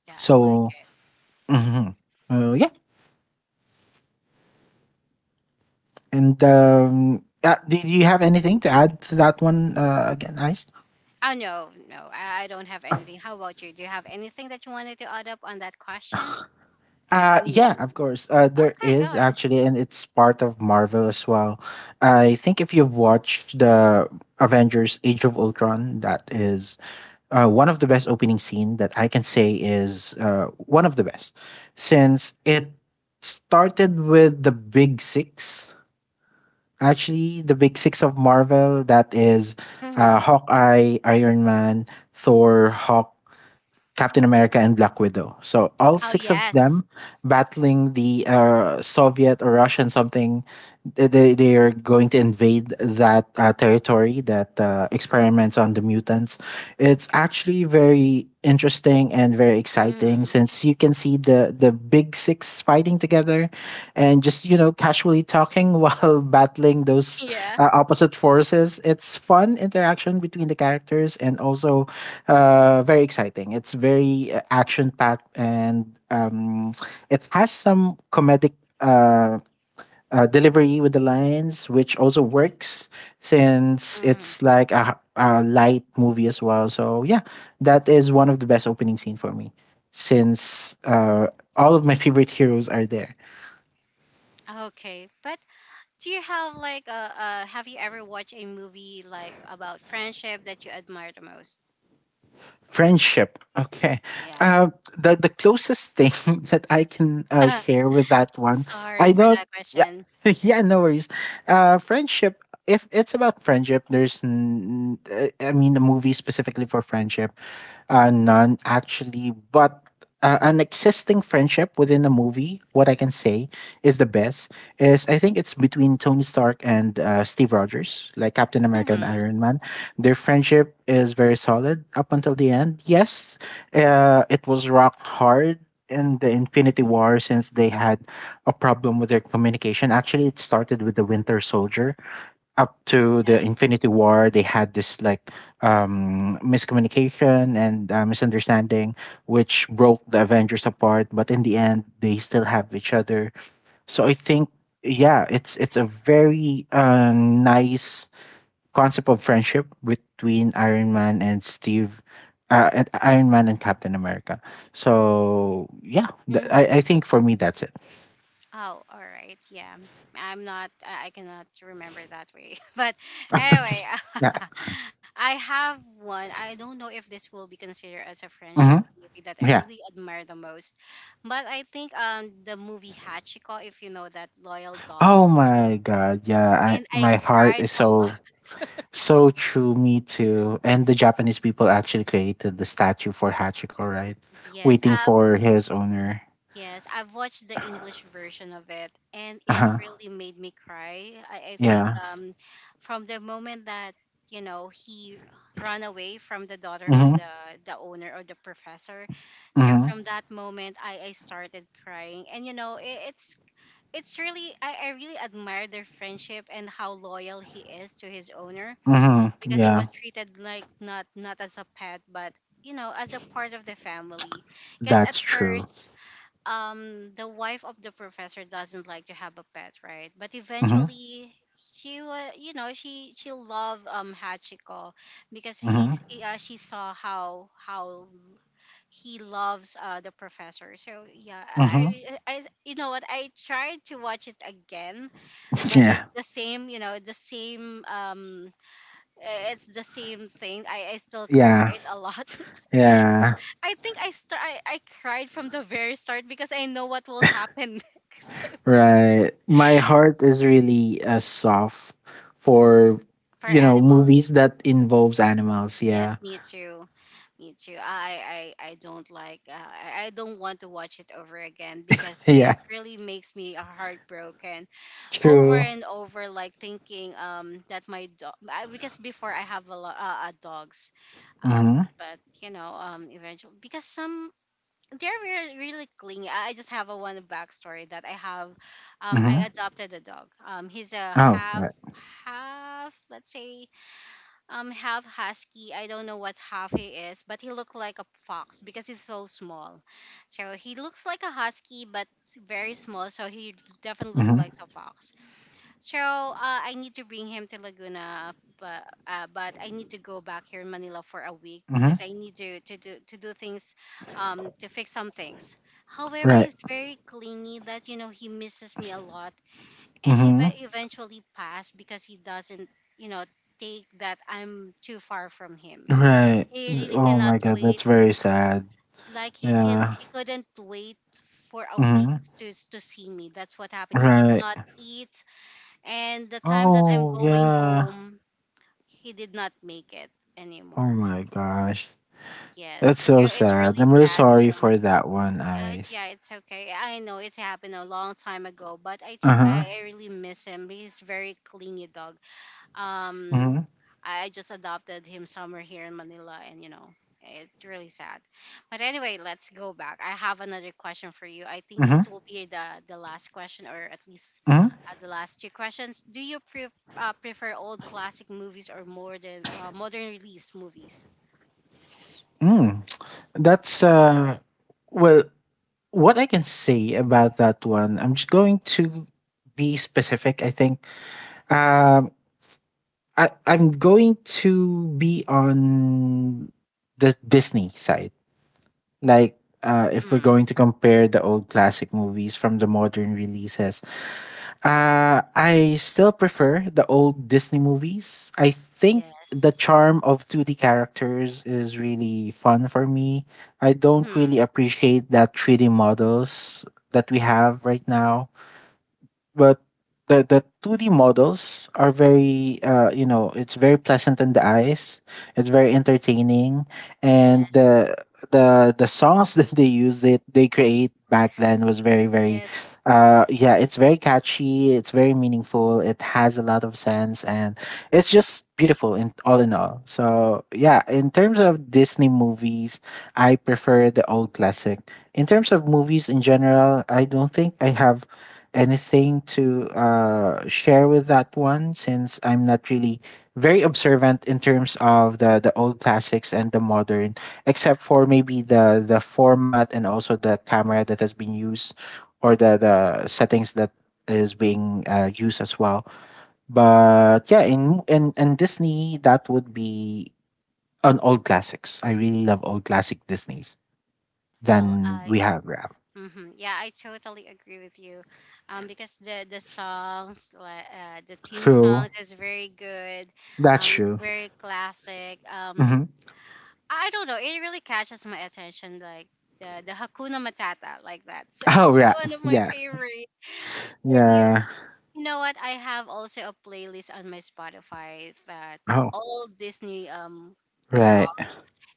S1: Yeah, I like
S2: So,
S1: it.
S2: mhm. Yeah. And do you have anything to add to that one, again, Ice?
S1: Oh no, no, I don't have anything. How about you? Do you have anything that you wanted to add up on that question?
S2: Yeah,
S1: Mm.
S2: of course. There
S1: Okay, go
S2: is
S1: ahead.
S2: actually, and it's part of Marvel as well. I think if you've watched the Avengers Age of Ultron, that is one of the best opening scene that I can say is one of the best, since it started with the big six. Actually, the big six of Marvel that is
S1: Mhm.
S2: Hawkeye, Iron Man, Thor, Hawk, Captain America, and Black Widow. So all
S1: Oh
S2: six of
S1: yes.
S2: them battling the Soviet or Russian something. They are going to invade that territory that experiments on the mutants. It's actually very interesting and very exciting
S1: Mm.
S2: since you can see the big six fighting together and just, casually talking while battling those
S1: Yeah.
S2: opposite forces. It's fun interaction between the characters, and also very exciting. It's very action packed and it has some comedic uh, delivery with the lines, which also works, since
S1: Mm.
S2: it's like a light movie as well. So yeah, that is one of the best opening scene for me, since all of my favorite heroes are there.
S1: Okay. But do you have like a have you ever watched a movie like about friendship that you admire the most?
S2: Friendship. Okay,
S1: Yeah.
S2: uh, the closest thing that I can share with that one,
S1: Sorry
S2: I
S1: for
S2: don't.
S1: that
S2: Yeah,
S1: question.
S2: yeah, no worries. Friendship. If it's about friendship, there's, I mean, the movie specifically for friendship. None actually, but an existing friendship within a movie, what I can say is the best is I think it's between Tony Stark and Steve Rogers, like Captain America and
S1: Mm-hmm.
S2: Iron Man. Their friendship is very solid up until the end. Yes, it was rocked hard in the Infinity War since they had a problem with their communication. Actually, it started with the Winter Soldier up to the
S1: Yeah.
S2: Infinity War, they had this like miscommunication and misunderstanding, which broke the Avengers apart. But in the end, they still have each other. So I think, yeah, it's a very nice concept of friendship between Iron Man and Steve, and Iron Man and Captain America. So yeah, th-
S1: Mm-hmm.
S2: I I think for me that's it.
S1: Oh, all right. Yeah. I'm not, I cannot remember that way. But anyway,
S2: Yeah.
S1: I have one. I don't know if this will be considered as a friendship
S2: Hmm.
S1: movie that I
S2: Yeah.
S1: really admire the most. But I think the movie Hachiko, if you know that, Loyal Dog.
S2: Oh my God. Yeah. I,
S1: And I
S2: my heart
S1: cried
S2: is
S1: a lot.
S2: so. So true, me too. And the Japanese people actually created the statue for Hachiko, right?
S1: Yes.
S2: Waiting for his owner.
S1: Yes, I've watched the English version of it, and it
S2: Uh-huh.
S1: really made me cry. I think
S2: Yeah.
S1: from the moment that he ran away from the daughter of
S2: Mm-hmm.
S1: the owner or the professor, so
S2: Mm-hmm.
S1: from that moment I started crying, and it's really, I really admire their friendship and how loyal he is to his owner,
S2: Mm-hmm.
S1: because he
S2: Yeah.
S1: was treated like not as a pet but you know as a part of the family, because at
S2: That's true.
S1: first the wife of the professor doesn't like to have a pet, right? But
S2: Mm-hmm.
S1: eventually she wa you know she loved Hachiko, because he's
S2: Mm-hmm.
S1: she saw how he loves the professor. So yeah,
S2: Mm-hmm.
S1: you know what, I tried to watch it again but it's
S2: Yeah.
S1: the same, it's the same thing, i still
S2: Yeah.
S1: cried a lot.
S2: Yeah.
S1: I think I cried from the very start because I know what will happen next. So it's
S2: Right. My heart is really soft for,
S1: for
S2: movies
S1: animals.
S2: that involves animals.
S1: Yes,
S2: Yeah.
S1: me too. Me too. I don't like I don't want to watch it over again because
S2: Yeah.
S1: it really makes me heartbroken over
S2: True.
S1: and over, like thinking that my dog, because before I have a lot dogs, um
S2: Mm-hmm.
S1: but you know eventually because some, they're really, really clingy. I just have a one backstory that I have.
S2: Mm-hmm.
S1: I adopted a dog. He's a
S2: Oh.
S1: half
S2: Right.
S1: half let's say half husky, I don't know what half he is, but he looked like a fox because he's so small, so he looks like a husky but very small, so he definitely looked
S2: Mm-hmm.
S1: like a fox. So I need to bring him to Laguna, but I need to go back here in Manila for a week because
S2: Mm-hmm.
S1: I need to do things, to fix some things. However,
S2: Right.
S1: he's very clingy, that you know he misses me a lot, and
S2: Mm-hmm.
S1: eventually passed because he doesn't you know take that I'm too far from him.
S2: Right.
S1: He
S2: Th
S1: really
S2: Oh
S1: cannot
S2: my god,
S1: wait.
S2: that's very sad.
S1: Like
S2: Yeah.
S1: he couldn't wait for a week
S2: Mhm.
S1: to see me. That's what happened. He did
S2: Right.
S1: not eat, and the time that I'm
S2: Oh,
S1: going
S2: yeah.
S1: home, he did not make it
S2: Oh
S1: anymore.
S2: my gosh. That's
S1: Yes,
S2: so
S1: so it's
S2: sad.
S1: really
S2: I'm really
S1: sad. So
S2: sorry for that one,
S1: it's,
S2: Ice.
S1: yeah, it's okay. I know it happened a long time ago, but I tr-
S2: Uh-huh.
S1: I really miss him. He's very clingy dog. Um,
S2: Mhm.
S1: I just adopted him somewhere here in Manila, and you know it's really sad. But anyway, let's go back. I have another question for you. I think
S2: Mhm.
S1: this will be the last question, or at least
S2: Mhm.
S1: the last two questions. Do you prefer old classic movies or modern modern release movies?
S2: Mm. That's, uh well, what I can say about that one, I'm just going to be specific, I think. Um, I'm going to be on the Disney side. If we're
S1: Mm.
S2: going to compare the old classic movies from the modern releases, I still prefer the old Disney movies. I think the
S1: Yes.
S2: charm of 2D characters is really fun for me. I don't really
S1: Hmm.
S2: appreciate that 3D models that we have right now, but the 2D models are very, it's very pleasant in the eyes, it's very entertaining, and
S1: Yes.
S2: the songs that they use, that they create back then, was very very
S1: Yes.
S2: yeah it's very catchy, it's very meaningful, it has a lot of sense, and it's just beautiful in all in all. So yeah, in terms of Disney movies, I prefer the old classic. In terms of movies in general, I don't think I have anything to share with that one, since I'm not really very observant in terms of the old classics and the modern, except for maybe the format and also the camera that has been used, or the settings that is being used as well. But yeah, in Disney, that would be on old classics. I really love old classic Disneys.
S1: Well,
S2: Then we
S1: I—
S2: have rap.
S1: mm-hmm. Yeah, I totally agree with you. Because the songs, like the theme
S2: True.
S1: songs, is very good.
S2: That's
S1: It's
S2: true.
S1: very classic.
S2: Hmm.
S1: I don't know. It really catches my attention, like the Hakuna Matata, like that. So it's
S2: Oh, rap.
S1: one of my
S2: Yeah.
S1: favorite. And you,
S2: Yeah.
S1: you know what? I have also a playlist on my Spotify that's
S2: Oh,
S1: all Disney songs,
S2: right.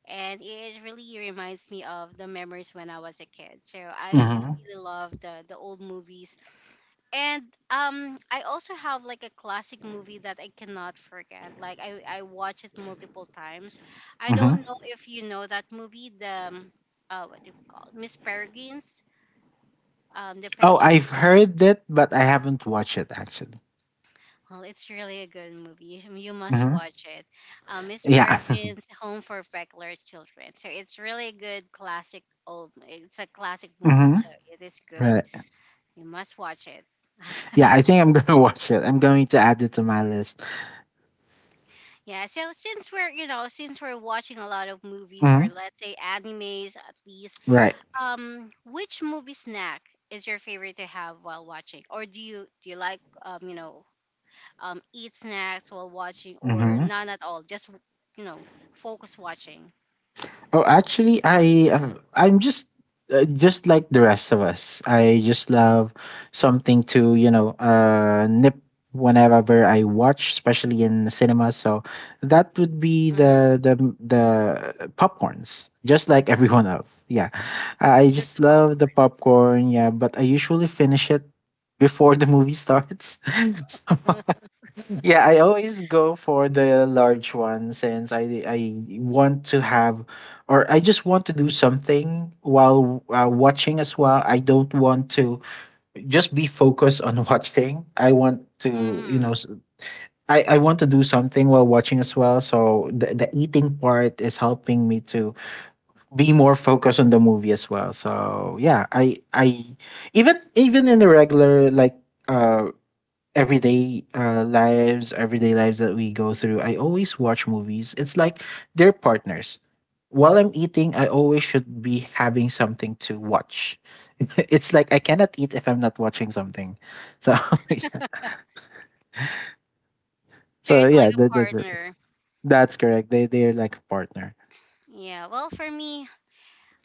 S1: and it really reminds me of the memories when I was a kid. So I
S2: Hmm.
S1: really love the old movies, and I also have like a classic movie that I cannot forget. Like I watch it multiple times. I don't
S2: Hmm.
S1: know if you know that movie, the what do you call it? Miss Peregrine's, the
S2: Oh,
S1: Peckler's—
S2: I've heard it, but I haven't watched it actually.
S1: well, it's really a good movie. You you must
S2: Hmm.
S1: watch it. Miss
S2: Yeah.
S1: Peregrine's Home for Peculiar Children. So it's really a good classic old. It's a classic movie,
S2: Hmm.
S1: so it is good.
S2: Right.
S1: You must watch it.
S2: Yeah, I think I'm gonna watch it. I'm going to add it to my list.
S1: Yeah. So since we're you know since we're watching a lot of movies,
S2: Hmm.
S1: or let's say animes at least,
S2: Right.
S1: which movie snack is your favorite to have while watching, or do you like um you know eat snacks while watching, or
S2: Hmm.
S1: none at all. Just you know, focus watching.
S2: Oh, actually, I'm just like the rest of us. I just love something to nip whenever I watch, especially in the cinema. So that would be
S1: Hmm.
S2: the popcorns, just like everyone else. Yeah, I
S1: Just
S2: just
S1: the
S2: love the
S1: popcorn.
S2: popcorn. Yeah, but I usually finish it before the movie starts. So yeah, I always go for the large one, since I want to have, or I just want to do something while watching as well. I don't want to just be focused on watching. I want to, you know,
S1: Hmm.
S2: I want to do something while watching as well. So the eating part is helping me to be more focused on the movie as well. So yeah, I even even in the regular, like uh everyday lives, everyday lives that we go through, I always watch movies. It's like they're partners. While I'm eating, I always should be having something to watch. It's like I cannot eat if I'm not watching something. So yeah,
S1: So it's like a
S2: that's it.
S1: partner.
S2: That's correct. They're like a partner.
S1: Yeah. Well, for me,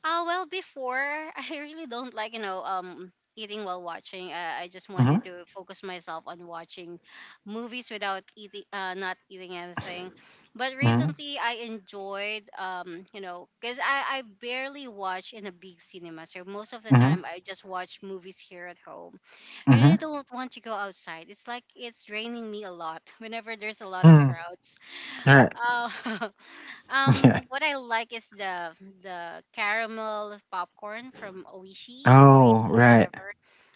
S1: Well, before I really don't like you know eating while watching. I just
S2: Mm-hmm.
S1: wanted to focus myself on watching movies without eating, not eating anything. But
S2: Mm-hmm.
S1: recently, I enjoyed you know because I barely watch in a big cinema, so most of the
S2: Mm-hmm.
S1: time I just watch movies here at home. I
S2: Mm-hmm.
S1: really don't want to go outside. It's like it's draining me a lot whenever there's a lot of
S2: Mm.
S1: crowds.
S2: Right.
S1: Uh,
S2: Yeah.
S1: what I like is the caramel popcorn from Oishi,
S2: Oh
S1: Oishi,
S2: right.
S1: whatever.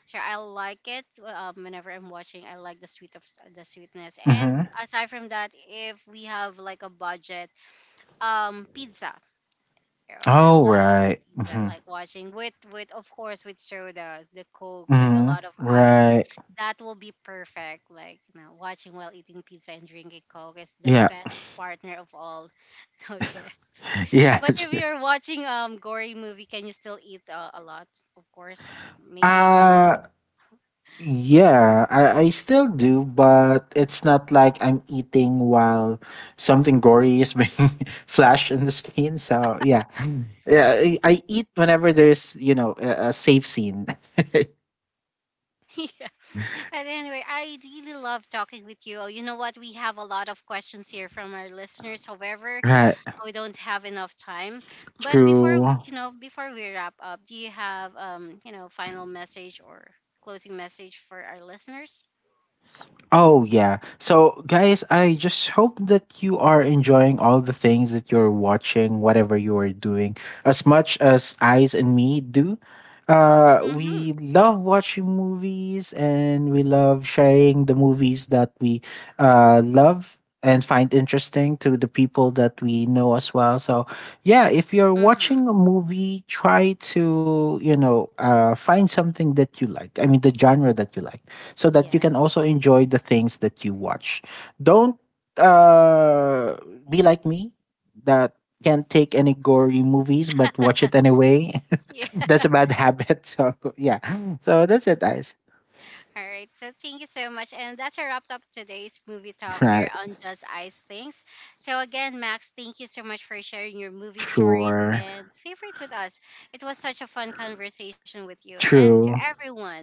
S1: So I like it whenever I'm watching. I like the sweet of the sweetness. And
S2: Mm-hmm.
S1: aside from that, if we have like a budget, pizza. Oh, I
S2: Oh
S1: love
S2: right.
S1: pizza,
S2: Mm-hmm.
S1: like watching with of course with soda, the Coke with a
S2: Mm-hmm.
S1: lot of ice.
S2: Right.
S1: That will be perfect. Like you know, watching while eating pizza and drinking Coke is the
S2: Yeah.
S1: best partner of all. So yes.
S2: Yeah.
S1: But if you're watching gory movie, can you still eat a lot? Of course, maybe me.
S2: Uh yeah, I still do, but it's not like I'm eating while something gory is being flashed on the screen. So yeah, Mm. Yeah, I eat whenever there's a safe scene.
S1: Yeah. But anyway, I really love talking with you. You know what? We have a lot of questions here from our listeners. However,
S2: Right.
S1: we don't have enough time. But before
S2: True.
S1: you know, before we wrap up, do you have you know, final message or closing message for our listeners?
S2: Oh, yeah. So, guys, I just hope that you are enjoying all the things that you're watching, whatever you are doing, as much as Eyes and me do.
S1: Mm-hmm.
S2: We love watching movies, and we love sharing the movies that we love and find interesting to the people that we know as well. So, yeah, if you're watching
S1: Mm-hmm.
S2: a movie, try to, you know, find something that you like. I mean, the genre that you like, so that you
S1: Yes.
S2: can also enjoy the things that you watch. Don't uh, be like me that can't take any gory movies, but watch it anyway.
S1: Yeah.
S2: That's a bad habit. So yeah. So that's it, guys.
S1: All right. So thank you so much. And that's a wrapped up today's movie talk here
S2: Right.
S1: on Just Ice Things. So again, Max, thank you so much for sharing your movie stories
S2: Sure.
S1: and favorite with us. It was such a fun conversation with you. And to
S2: True.
S1: everyone,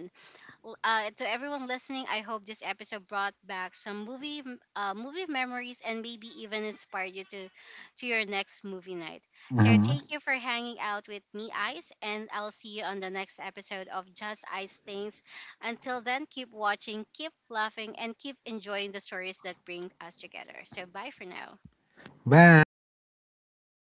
S1: To everyone listening, I hope this episode brought back some movie movie memories, and maybe even inspired you to your next movie night. So
S2: Hmm.
S1: thank you for hanging out with me, Ice, and I'll see you on the next episode of Just Ice Things. Until then, keep watching, keep laughing, and keep enjoying the stories that bring us together. So bye for now.
S2: Bye.